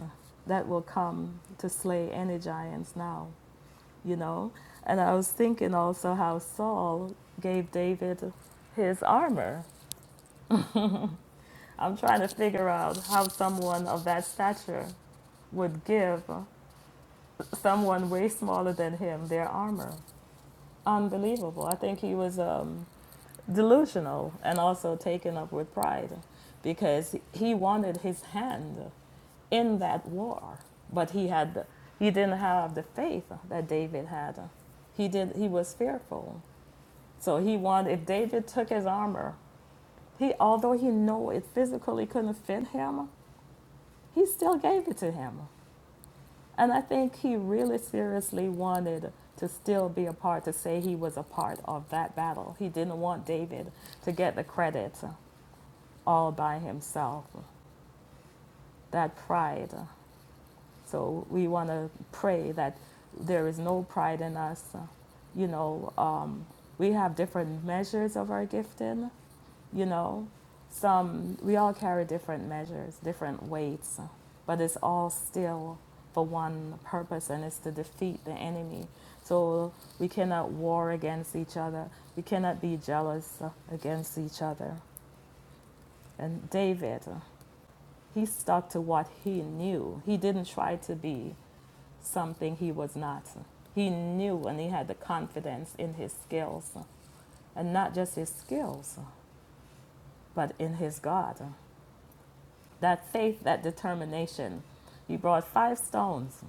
that will come to slay any giants now, you know? And I was thinking also how Saul gave David his armor I'm trying to figure out how someone of that stature would give someone way smaller than him their armor. Unbelievable. I think he was um, delusional and also taken up with pride because he wanted his hand in that war, but he had he didn't have the faith that David had. He did he was fearful. So he wanted if David took his armor, he although he knew it physically couldn't fit him, he still gave it to him. And I think he really seriously wanted to still be a part, to say he was a part of that battle. He didn't want David to get the credit all by himself, that pride. So we want to pray that there is no pride in us. You know, um, we have different measures of our gifting, you know some we all carry different measures different weights but it's all still for one purpose and it's to defeat the enemy so we cannot war against each other we cannot be jealous against each other and david he stuck to what he knew he didn't try to be something he was not he knew and he had the confidence in his skills and not just his skills but in his god that faith, that determination. He brought five stones,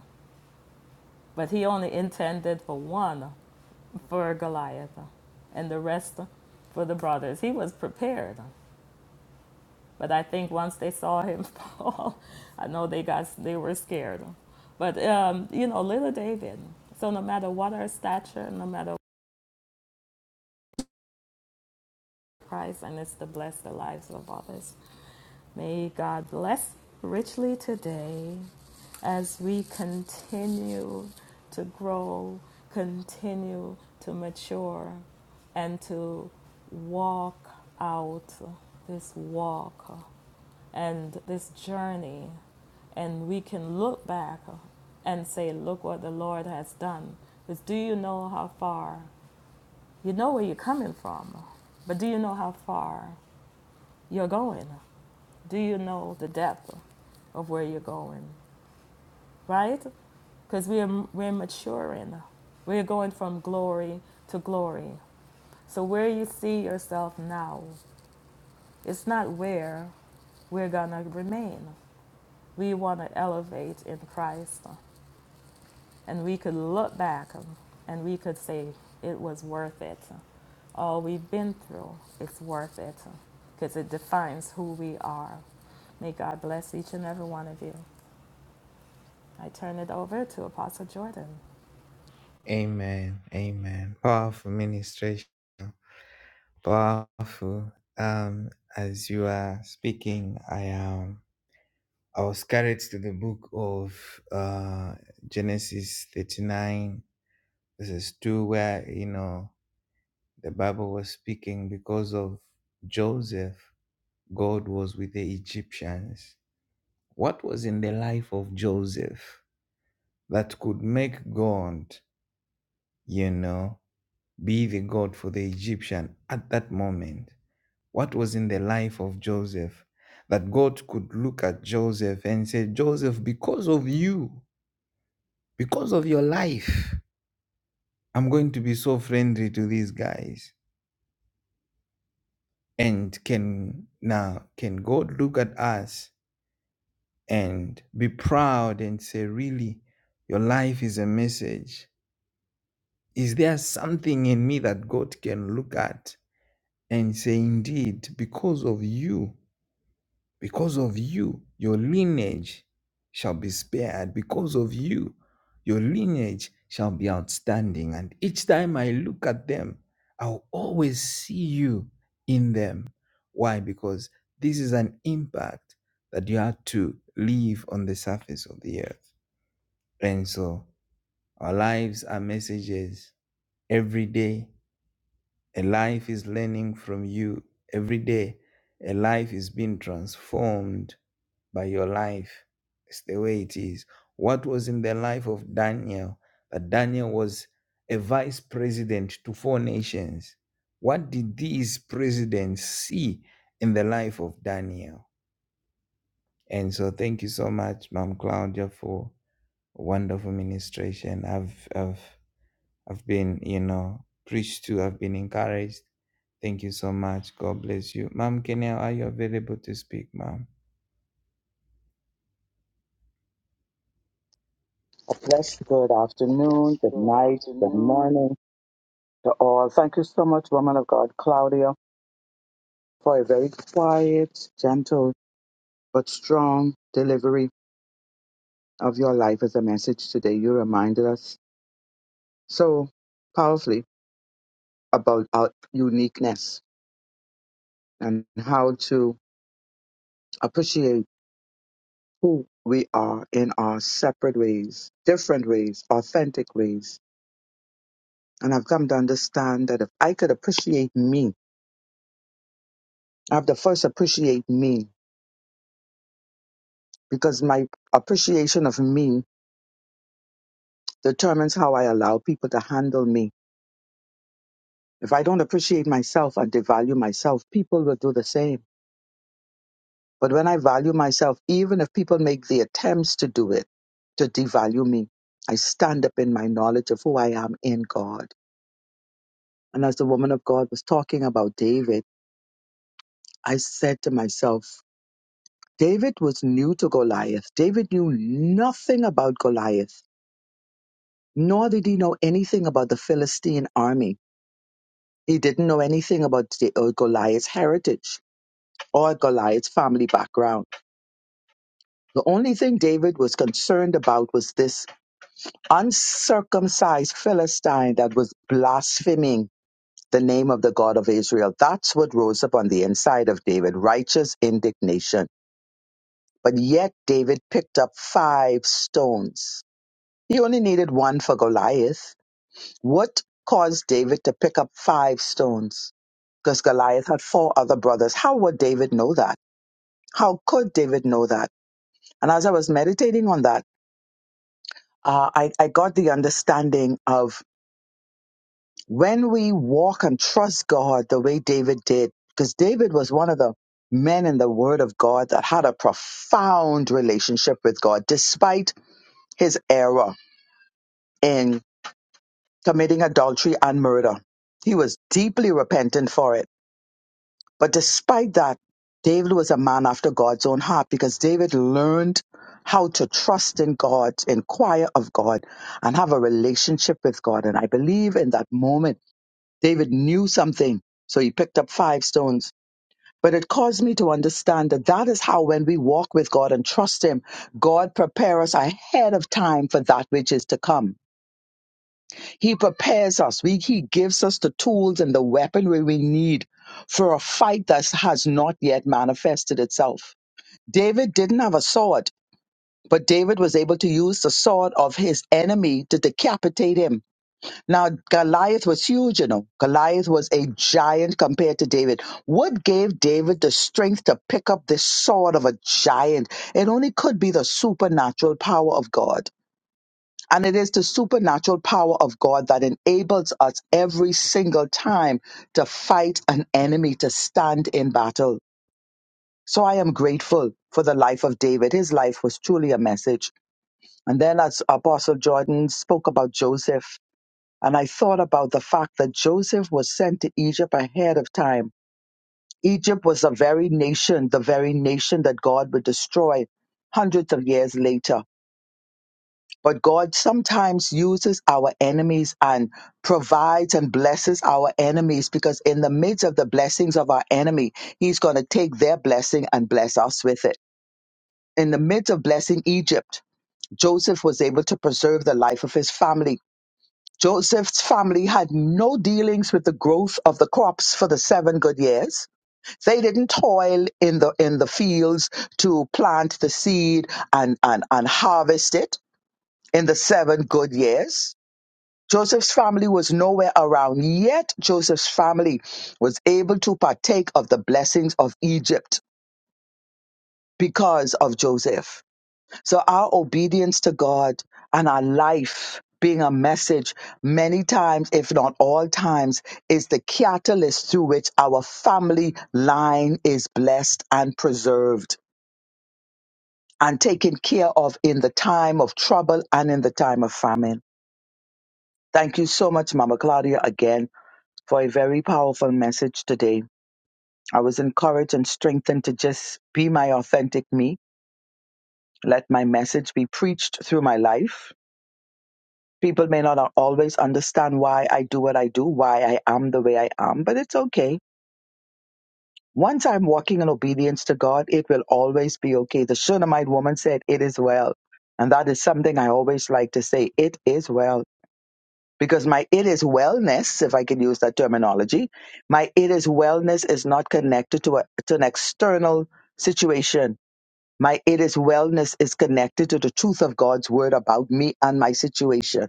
but he only intended for one for Goliath and the rest for the brothers. He was prepared. But I think once they saw him fall, I know they got they were scared. But um, you know, little David. So no matter what our stature, no matter Christ, and it's to bless the lives of others. May God bless richly today as we continue to grow, continue to mature, and to walk out this walk and this journey. And we can look back and say, Look what the Lord has done. Because do you know how far? You know where you're coming from, but do you know how far you're going? Do you know the depth of where you're going? Right? Because we're, we're maturing. We're going from glory to glory. So, where you see yourself now, it's not where we're going to remain. We want to elevate in Christ. And we could look back and we could say, it was worth it. All we've been through, it's worth it because it defines who we are. May God bless each and every one of you. I turn it over to Apostle Jordan. A blessed good afternoon, good night, good morning to all. Thank you so much, woman of God, Claudia, for a very quiet, gentle, but strong delivery of your life as a message today. You reminded us so powerfully about our uniqueness and how to appreciate who we are in our separate ways, different ways, authentic ways. And I've come to understand that if I could appreciate me, I have to first appreciate me because my appreciation of me determines how I allow people to handle me. If I don't appreciate myself and devalue myself, people will do the same. But when I value myself, even if people make the attempts to do it, to devalue me, I stand up in my knowledge of who I am in God. And as the woman of God was talking about David, I said to myself, David was new to Goliath. David knew nothing about Goliath, nor did he know anything about the Philistine army He didn't know anything about Da- uh, Goliath's heritage or Goliath's family background. The only thing David was concerned about was this uncircumcised Philistine that was blaspheming the name of the God of Israel. That's what rose up on the inside of David righteous indignation. But yet, David picked up five stones. He only needed one for Goliath. What caused David to pick up five stones? Because Goliath had four other brothers. How would David know that? How could David know that? And as I was meditating on that, uh, I, I got the understanding of when we walk and trust God the way David did, because David was one of the men in the Word of God that had a profound relationship with God, despite his error in committing adultery and murder. He was deeply repentant for it But despite that, David was a man after God's own heart because David learned how to trust in God, inquire of God, and have a relationship with God. And I believe in that moment, David knew something. So he picked up five stones. But it caused me to understand that that is how, when we walk with God and trust Him, God prepares us ahead of time for that which is to come. He prepares us. We- he gives us the tools and the weaponry we need for a fight that has not yet manifested itself. David didn't have a sword, but David was able to use the sword of his enemy to decapitate him. Now, Goliath was huge, you know. Goliath was a giant compared to David. What gave David the strength to pick up this sword of a giant? It only could be the supernatural power of God. And it is the supernatural power of God that enables us every single time to fight an enemy, to stand in battle. So I am grateful for the life of David. His life was truly a message. And then as Apostle Jordan spoke about Joseph, and I thought about the fact that Joseph was sent to Egypt ahead of time. Egypt was the very nation, the very nation that God would destroy hundreds of years later But God sometimes uses our enemies and provides and blesses our enemies because in the midst of the blessings of our enemy, he's going to take their blessing and bless us with it. In the midst of blessing Egypt, Joseph was able to preserve the life of his family. Joseph's family had no dealings with the growth of the crops for the seven good years. They didn't toil in the in the fields to plant the seed and, and, and harvest it in the seven good years Joseph's family was nowhere around, yet Joseph's family was able to partake of the blessings of Egypt because of Joseph. So our obedience to God and our life being a message many times, if not all times, is the catalyst through which our family line is blessed and preserved and taken care of in the time of trouble and in the time of famine. Thank you so much, Mama Claudia, again for a very powerful message today. I was encouraged and strengthened to just be my authentic me. Let my message be preached through my life. People may not always understand why I do what I do, why I am the way I am, but it's okay. Once I'm walking in obedience to God, it will always be okay. The Shunammite woman said, It is well. And that is something I always like to say, It is well. because my it is wellness, if I can use that terminology, my it is wellness is not connected to, a, to an external situation. My it is wellness is connected to the truth of God's word about me and my situation.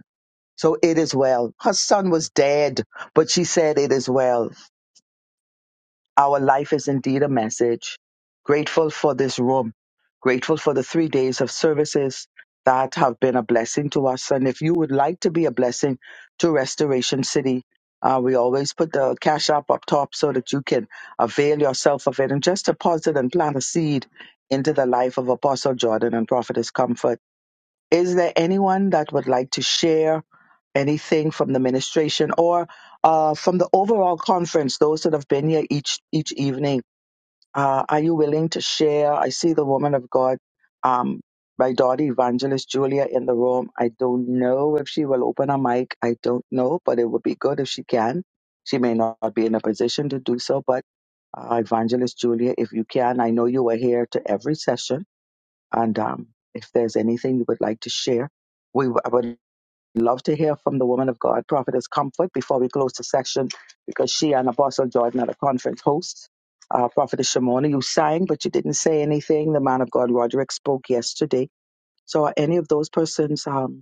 So it is well. Her son was dead, but she said it is well our life is indeed a message. Grateful for this room. Grateful for the three days of services that have been a blessing to us. And if you would like to be a blessing to Restoration City, uh, we always put the cash app up top so that you can avail yourself of it and just deposit and plant a seed into the life of Apostle Jordan and Prophetess Comfort is there anyone that would like to share anything from the ministration or uh, from the overall conference? Those that have been here each each evening, uh, are you willing to share? I see the woman of God, um, my daughter Evangelist Julia, in the room. I don't know if she will open her mic. I don't know, but it would be good if she can. She may not be in a position to do so, but uh, Evangelist Julia, if you can, I know you were here to every session and um, if there's anything you would like to share, we w- I would love to hear from the woman of God, Prophetess Comfort, before we close the section, because she and Apostle Jordan are the conference hosts. Uh, Prophetess Shimona, you sang, but you didn't say anything. The man of God, Roderick, spoke yesterday. So are any of those persons? um,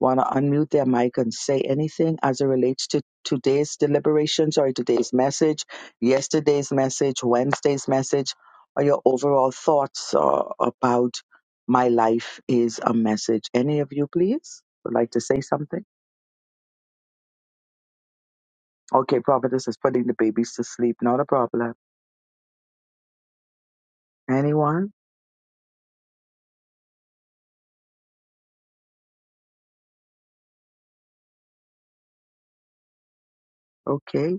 want to unmute their mic and say anything as it relates to today's deliberations or today's message, yesterday's message, Wednesday's message, or your overall thoughts uh, about my life is a message. Any of you, please, would like to say something? Okay, Providence is putting the babies to sleep. Not a problem. Anyone? Okay.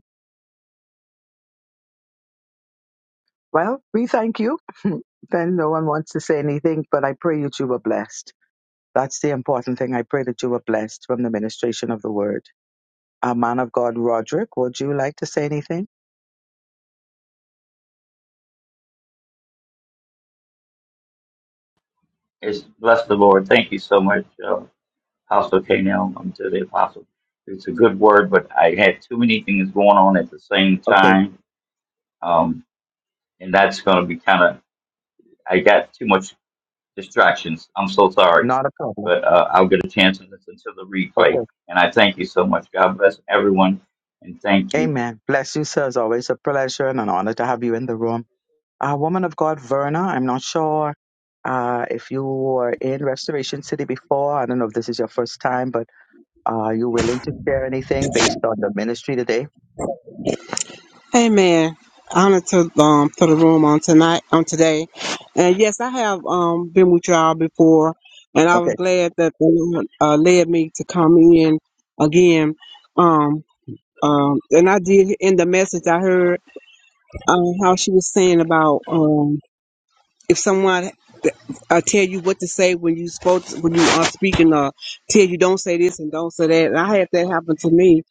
Well, we thank you. then no one wants to say anything, but I pray that you were blessed. That's the important thing. I pray that you were blessed from the ministration of the word. Uh, man of God, Roderick, would you like to say anything? It's bless the Lord. Thank you so much, uh, Apostle Canel, um, to the Apostle. It's a good word, but I had too many things going on at the same Okay, time, um, and that's going to be kind of. I got too much distractions. I'm so sorry, not a problem. but uh, I'll get a chance to listen to the replay. Okay. And I thank you so much. God bless everyone, and thank you. Amen. Bless you, sir. It's always a pleasure and an honor to have you in the room. Uh, woman of God, Verna, I'm not sure uh, if you were in Restoration City before. I don't know if this is your first time, but are you willing to share anything based on the ministry today? Amen. Honor to um to the room on tonight on today, and yes, I have um been with y'all before, and I was Okay. glad that the Lord uh, led me to come in again. Um, um, and I did in the message I heard um, how she was saying about um if someone uh, tell you what to say when you spoke when you are speaking, uh, tell you don't say this and don't say that. And I had that happen to me,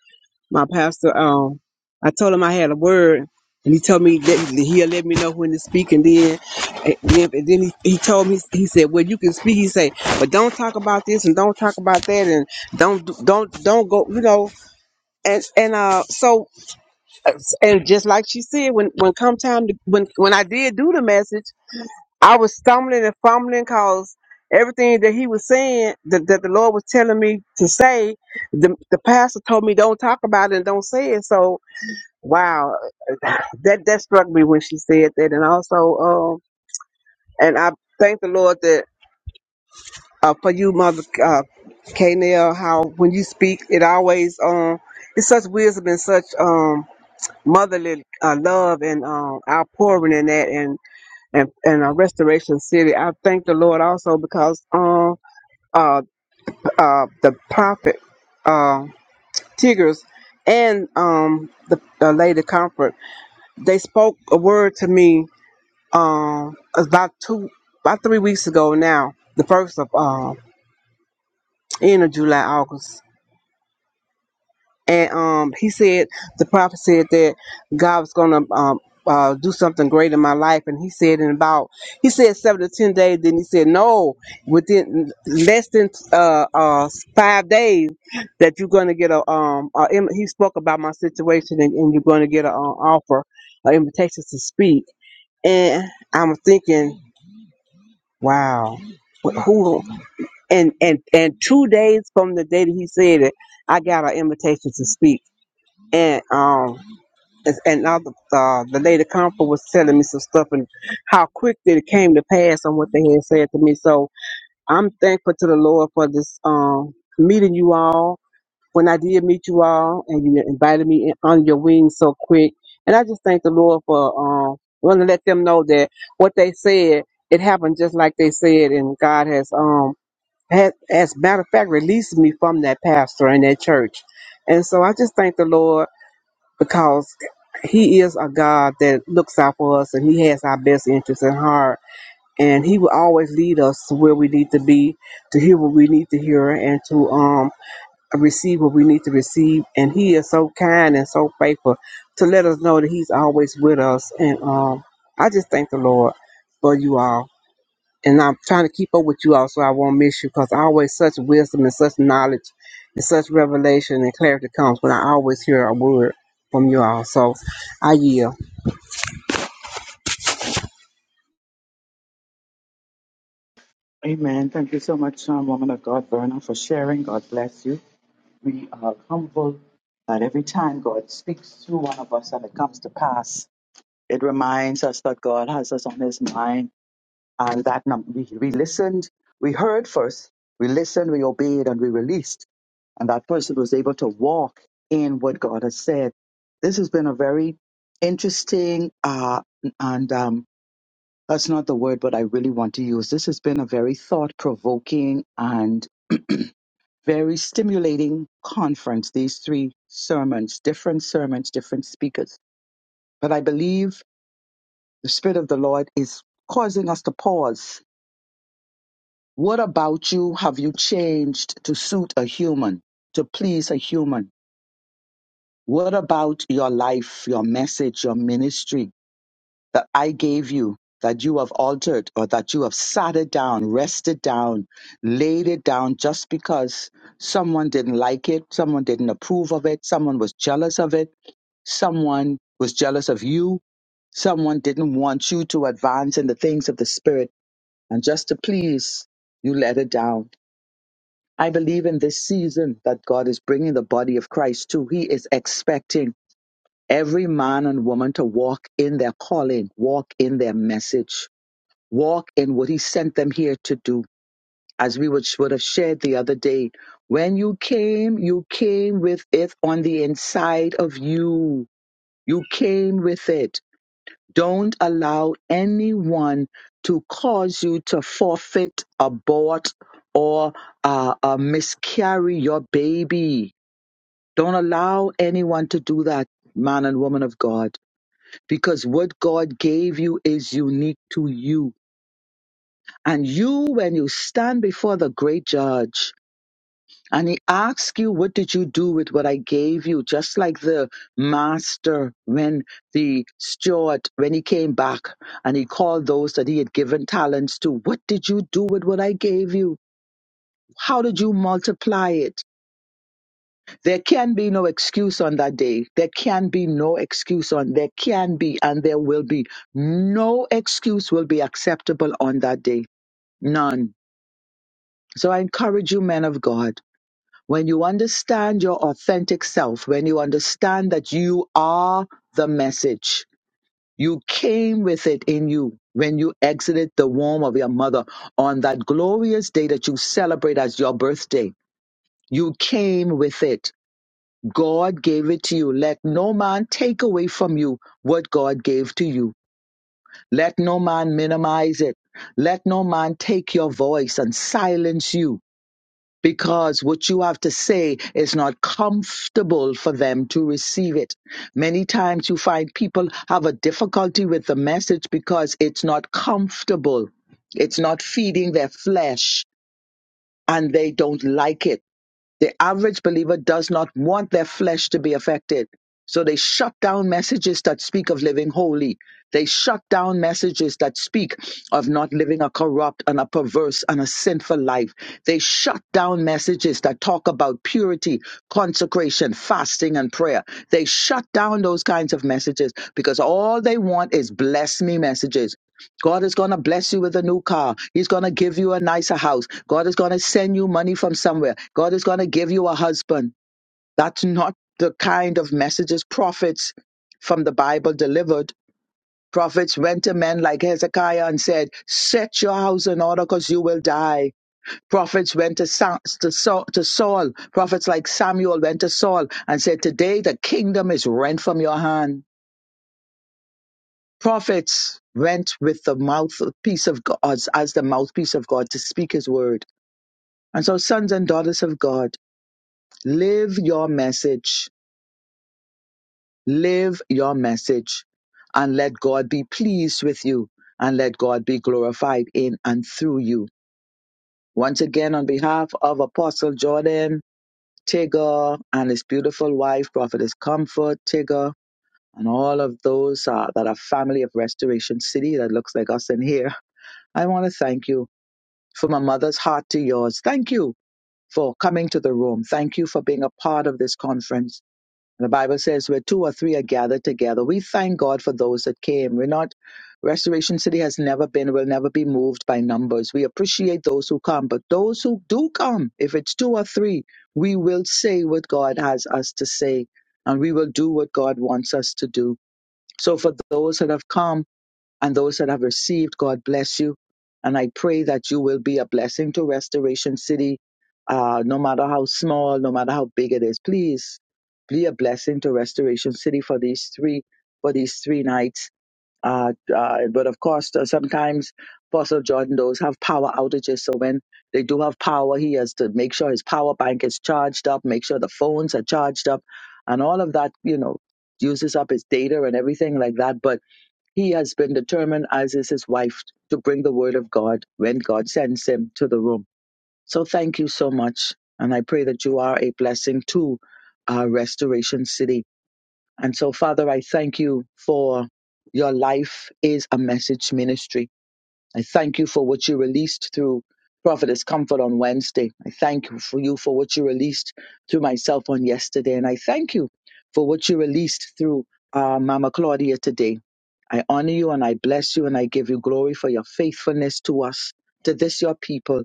my pastor, um, I told him I had a word, and he told me that he'll let me know when to speak, and then, and then, and then he, he told me he said, "Well, you can speak." He said, "But don't talk about this, and don't talk about that, and don't do- don't don't go, you know." And and uh, so uh, and just like she said, when when come time to, when when I did do the message, I was stumbling and fumbling cause everything that he was saying that, that the Lord was telling me to say, the the pastor told me don't talk about it and don't say it. So Wow, that that struck me when she said that, and also, um, and I thank the Lord that uh, for you, Mother uh, Kanell, how when you speak, it always um, it's such wisdom and such um motherly uh, love and um outpouring in that, and and and uh, Restoration City. I thank the Lord also because um uh uh the prophet uh Tigers and um the, the Lady Comfort they spoke a word to me um about two about three weeks ago now the first of um end of july august and um he said the prophet said that god was gonna um uh, do something great in my life and he said in about he said seven to ten days then he said no within less than uh uh five days that you're gonna get a um a, im- he spoke about my situation and, and you're gonna get an offer an invitation to speak and i'm thinking Wow. Wh- Who and and and two days from the day that he said it, I got an invitation to speak, and um, as- and now the uh, the lady comfort was telling me some stuff and how quick that it came to pass on what they had said to me. So I'm thankful to the Lord for this um meeting you all when I did meet you all and you invited me in under your wing so quick. And I just thank the Lord for um wanting to let them know that what they said, it happened just like they said and God has um has, as a matter of fact released me from that pastor and that church. And so I just thank the Lord because he is a God that looks out for us and he has our best interests in heart. And he will always lead us to where we need to be, to hear what we need to hear, and to um receive what we need to receive. And He is so kind and so faithful to let us know that He's always with us. And um, I just thank the Lord for you all. And I'm trying to keep up with you all so I won't miss you because always such wisdom and such knowledge and such revelation and clarity comes when I always hear a word from you all. So I yield. Amen. Thank you so much, um, woman of God, Verna, for sharing. God bless you. We are humble that every time God speaks through one of us and it comes to pass. It reminds us that God has us on his mind and that num- we, we listened, we heard first, we listened, we obeyed, and we released. And that person was able to walk in what God has said. This has been a very interesting, uh, and um, that's not the word, but I really want to use. This has been a very thought provoking and very stimulating conference, these three sermons, different sermons, different speakers. But I believe the Spirit of the Lord is causing us to pause. What about you have you changed to suit a human, to please a human? What about your life, your message, your ministry that I gave you that you have altered or that you have sat it down, rested down, laid it down just because someone didn't like it, someone didn't approve of it, someone was jealous of it, someone was jealous of you, someone didn't want you to advance in the things of the Spirit? and just to please, you let it down. I believe in this season that God is bringing the body of Christ to. He is expecting every man and woman to walk in their calling, walk in their message, walk in what He sent them here to do. As we would, would have shared the other day, when you came, you came with it on the inside of you. You came with it. Don't allow anyone to cause you to forfeit, abort, or uh, uh, miscarry your baby. Don't allow anyone to do that, man and woman of God, because what God gave you is unique to you. And you, when you stand before the great judge, and he asks you, What did you do with what I gave you? Just like the master when the steward, when he came back and he called those that he had given talents to, What did you do with what I gave you? How did you multiply it? There can be no excuse on that day. There can be no excuse on, there can be, and there will be. No excuse will be acceptable on that day. None. So I encourage you, men of God. When you understand your authentic self, when you understand that you are the message, you came with it in you when you exited the womb of your mother on that glorious day that you celebrate as your birthday. You came with it. God gave it to you. Let no man take away from you what God gave to you. Let no man minimize it. Let no man take your voice and silence you because what you have to say is not comfortable for them to receive it. Many times you find people have a difficulty with the message because it's not comfortable. It's not feeding their flesh and they don't like it. The average believer does not want their flesh to be affected. So they shut down messages that speak of living holy. They shut down messages that speak of not living a corrupt and a perverse and a sinful life. They shut down messages that talk about purity, consecration, fasting, and prayer. They shut down those kinds of messages because all they want is bless me messages. God is going to bless you with a new car. He's going to give you a nicer house. God is going to send you money from somewhere. God is going to give you a husband. That's not the kind of messages prophets from the Bible delivered. Prophets went to men like Hezekiah and said, Set your house in order because you will die. Prophets went to, Sa- to, Saul, to Saul. Prophets like Samuel went to Saul and said, Today the kingdom is rent from your hand. prophets went with the mouthpiece of God as, as the mouthpiece of God to speak his word. And so, sons and daughters of God, live your message, live your message, and let God be pleased with you, and let God be glorified in and through you. Once again, on behalf of Apostle Jordan, Tigger, and his beautiful wife, Prophetess Comfort, Tigger, and all of those uh, that are family of Restoration City that looks like us in here, I want to thank you from a mother's heart to yours. Thank you for coming to the room. Thank you for being a part of this conference. The Bible says where two or three are gathered together. We thank God for those that came. We're not, Restoration City has never been, will never be moved by numbers. We appreciate those who come, but those who do come, if it's two or three, we will say what God has us to say and we will do what God wants us to do. So for those that have come, and those that have received, God bless you. And I pray that you will be a blessing to Restoration City, uh, no matter how small, no matter how big it is. Please be a blessing to Restoration City for these three for these three nights. Uh, uh, but of course, uh, sometimes Apostle Jordan does have power outages. So when they do have power, he has to make sure his power bank is charged up, make sure the phones are charged up, and all of that. You know, uses up his data and everything like that. But he has been determined, as is his wife, to bring the word of God when God sends him to the room. So thank you so much. And I pray that you are a blessing to our Restoration City. And so, Father, I thank you for your life is a message ministry. I thank you for what you released through Prophetess Comfort on Wednesday. I thank you for you for what you released through myself on yesterday. And I thank you for what you released through uh, Mama Claudia today. I honor you and I bless you and I give you glory for your faithfulness to us, to this your people.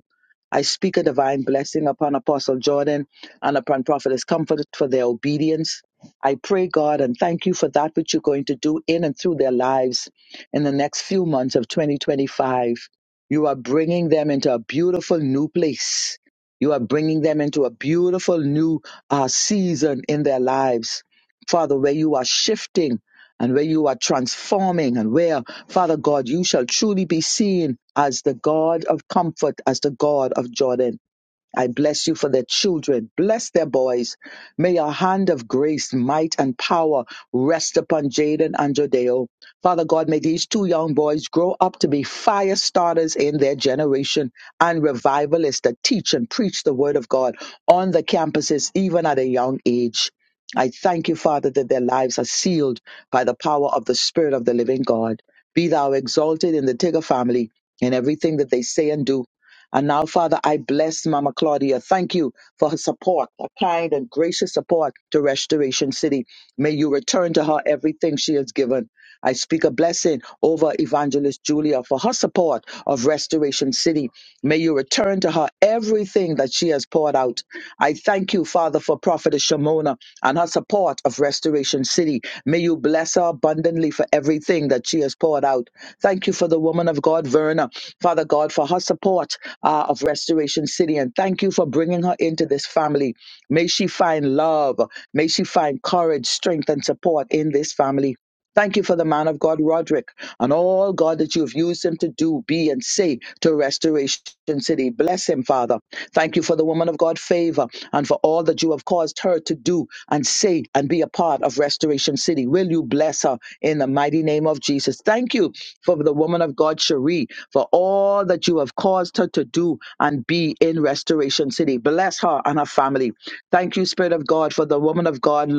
I speak a divine blessing upon Apostle Jordan and upon Prophetess Comfort for their obedience. I pray, God, and thank you for that which you're going to do in and through their lives in the next few months of 2025, you are bringing them into a beautiful new place. You are bringing them into a beautiful new uh, season in their lives. Father, where you are shifting and where you are transforming, and where, Father God, you shall truly be seen as the God of comfort, as the God of Jordan. I bless you for their children. Bless their boys. May your hand of grace, might, and power rest upon Jaden and Jodeo. Father God, may these two young boys grow up to be fire starters in their generation and revivalists that teach and preach the word of God on the campuses, even at a young age. I thank you, Father, that their lives are sealed by the power of the Spirit of the living God. Be thou exalted in the Tigger family in everything that they say and do. And now, Father, I bless Mama Claudia. Thank you for her support, her kind and gracious support to Restoration City. May you return to her everything she has given. I speak a blessing over Evangelist Julia for her support of Restoration City. May you return to her everything that she has poured out. I thank you, Father, for Prophetess Shimona and her support of Restoration City. May you bless her abundantly for everything that she has poured out. Thank you for the woman of God, Verna, Father God, for her support uh, of Restoration City. And thank you for bringing her into this family. May she find love. May she find courage, strength, and support in this family. Thank you for the man of God, Roderick, and all God that you have used him to do, be, and say to Restoration City. Bless him, Father. Thank you for the woman of God, Favor, and for all that you have caused her to do and say and be a part of Restoration City. Will you bless her in the mighty name of Jesus? Thank you for the woman of God, Cherie, for all that you have caused her to do and be in Restoration City. Bless her and her family. Thank you, Spirit of God, for the woman of God,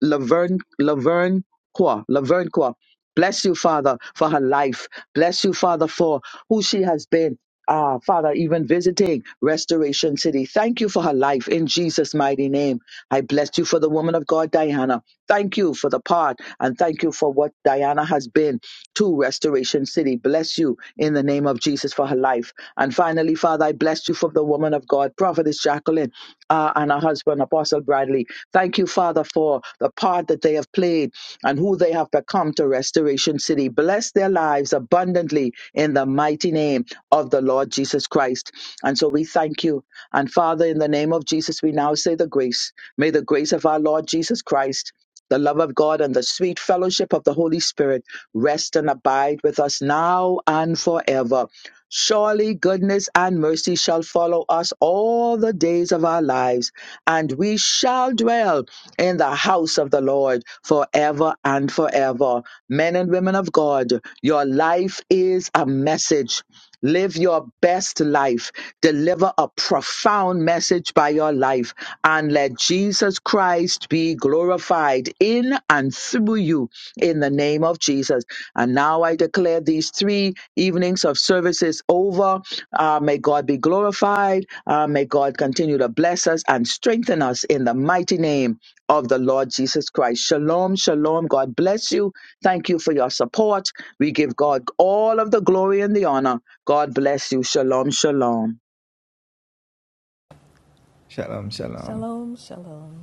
Laverne, Laverne. Kwa, Laverne Kwa. Bless you, Father, for her life. Bless you, Father, for who she has been. Ah, Father, even visiting Restoration City. Thank you for her life in Jesus' mighty name. I bless you for the woman of God, Diana. Thank you for the part and thank you for what Diana has been to Restoration City. Bless you in the name of Jesus for her life. And finally, Father, I bless you for you for the woman of God, Prophetess Jacqueline, uh, and her husband, Apostle Bradley. Thank you, Father, for the part that they have played and who they have become to Restoration City. Bless their lives abundantly in the mighty name of the Lord Jesus Christ. And so we thank you. And Father, in the name of Jesus, we now say the grace. May the grace of our Lord Jesus Christ. The love of God and the sweet fellowship of the Holy Spirit rest and abide with us now and forever. Surely goodness and mercy shall follow us all the days of our lives, and we shall dwell in the house of the Lord forever and forever. Men and women of God, your life is a message. Live your best life. Deliver a profound message by your life and let Jesus Christ be glorified in and through you in the name of Jesus. And now I declare these three evenings of services over. Uh, may God be glorified. Uh, may God continue to bless us and strengthen us in the mighty name of the Lord Jesus Christ. Shalom, shalom. God bless you. Thank you for your support. We give God all of the glory and the honor God bless you. Shalom, shalom. Shalom, shalom.